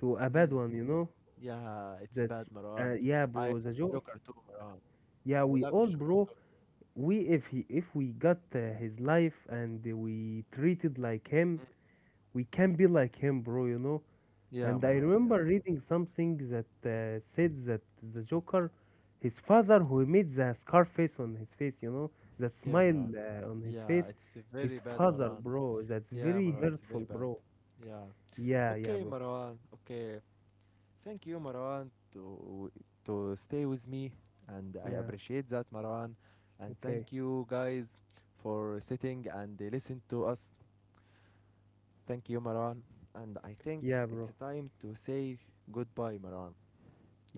[SPEAKER 2] to a bad
[SPEAKER 1] Mm.
[SPEAKER 2] one, you know.
[SPEAKER 1] Yeah, it's
[SPEAKER 2] That's
[SPEAKER 1] bad, Marwan.
[SPEAKER 2] yeah,
[SPEAKER 1] I
[SPEAKER 2] bro. The
[SPEAKER 1] love
[SPEAKER 2] joke.
[SPEAKER 1] Joker too, Marwan.
[SPEAKER 2] Yeah,
[SPEAKER 1] I
[SPEAKER 2] we
[SPEAKER 1] love
[SPEAKER 2] all,
[SPEAKER 1] Joker.
[SPEAKER 2] bro. We if he if we got his life and we treated like him,
[SPEAKER 1] Mm.
[SPEAKER 2] we can be like him, bro. You know.
[SPEAKER 1] Yeah,
[SPEAKER 2] And I
[SPEAKER 1] Marwan. Yeah.
[SPEAKER 2] remember reading something that said that the Joker, his father, who made the scar face on his face, you know, that
[SPEAKER 1] Yeah,
[SPEAKER 2] smile
[SPEAKER 1] Maran.
[SPEAKER 2] on his
[SPEAKER 1] Yeah,
[SPEAKER 2] face,
[SPEAKER 1] it's a
[SPEAKER 2] his
[SPEAKER 1] very bad,
[SPEAKER 2] father,
[SPEAKER 1] Maran.
[SPEAKER 2] bro. That's
[SPEAKER 1] Yeah,
[SPEAKER 2] very
[SPEAKER 1] Maran, it's
[SPEAKER 2] hurtful,
[SPEAKER 1] very bad.
[SPEAKER 2] bro.
[SPEAKER 1] Yeah.
[SPEAKER 2] Yeah, yeah,
[SPEAKER 1] Okay,
[SPEAKER 2] bro.
[SPEAKER 1] Maran. Okay. Thank you, Maran, to stay with me, and I
[SPEAKER 2] Yeah.
[SPEAKER 1] appreciate that, Maran. And thank
[SPEAKER 2] Okay.
[SPEAKER 1] you guys for sitting and listen to us. Thank you, Maran. And I think
[SPEAKER 2] Yeah,
[SPEAKER 1] it's
[SPEAKER 2] bro.
[SPEAKER 1] time to say goodbye, Maran,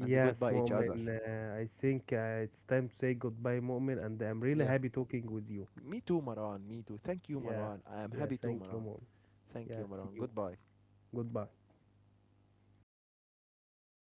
[SPEAKER 1] and goodbye each other.
[SPEAKER 2] Mu'min. I think it's time to say goodbye, Mu'min, and I'm really
[SPEAKER 1] Yeah.
[SPEAKER 2] happy talking with you.
[SPEAKER 1] Me too, Maran. Me too. Thank you,
[SPEAKER 2] Yeah,
[SPEAKER 1] Maran. I am
[SPEAKER 2] yeah,
[SPEAKER 1] happy too,
[SPEAKER 2] thank you,
[SPEAKER 1] Maran.
[SPEAKER 2] Mu'min.
[SPEAKER 1] Thank
[SPEAKER 2] Yeah,
[SPEAKER 1] you,
[SPEAKER 2] see
[SPEAKER 1] Maran.
[SPEAKER 2] you.
[SPEAKER 1] Goodbye.
[SPEAKER 2] Goodbye.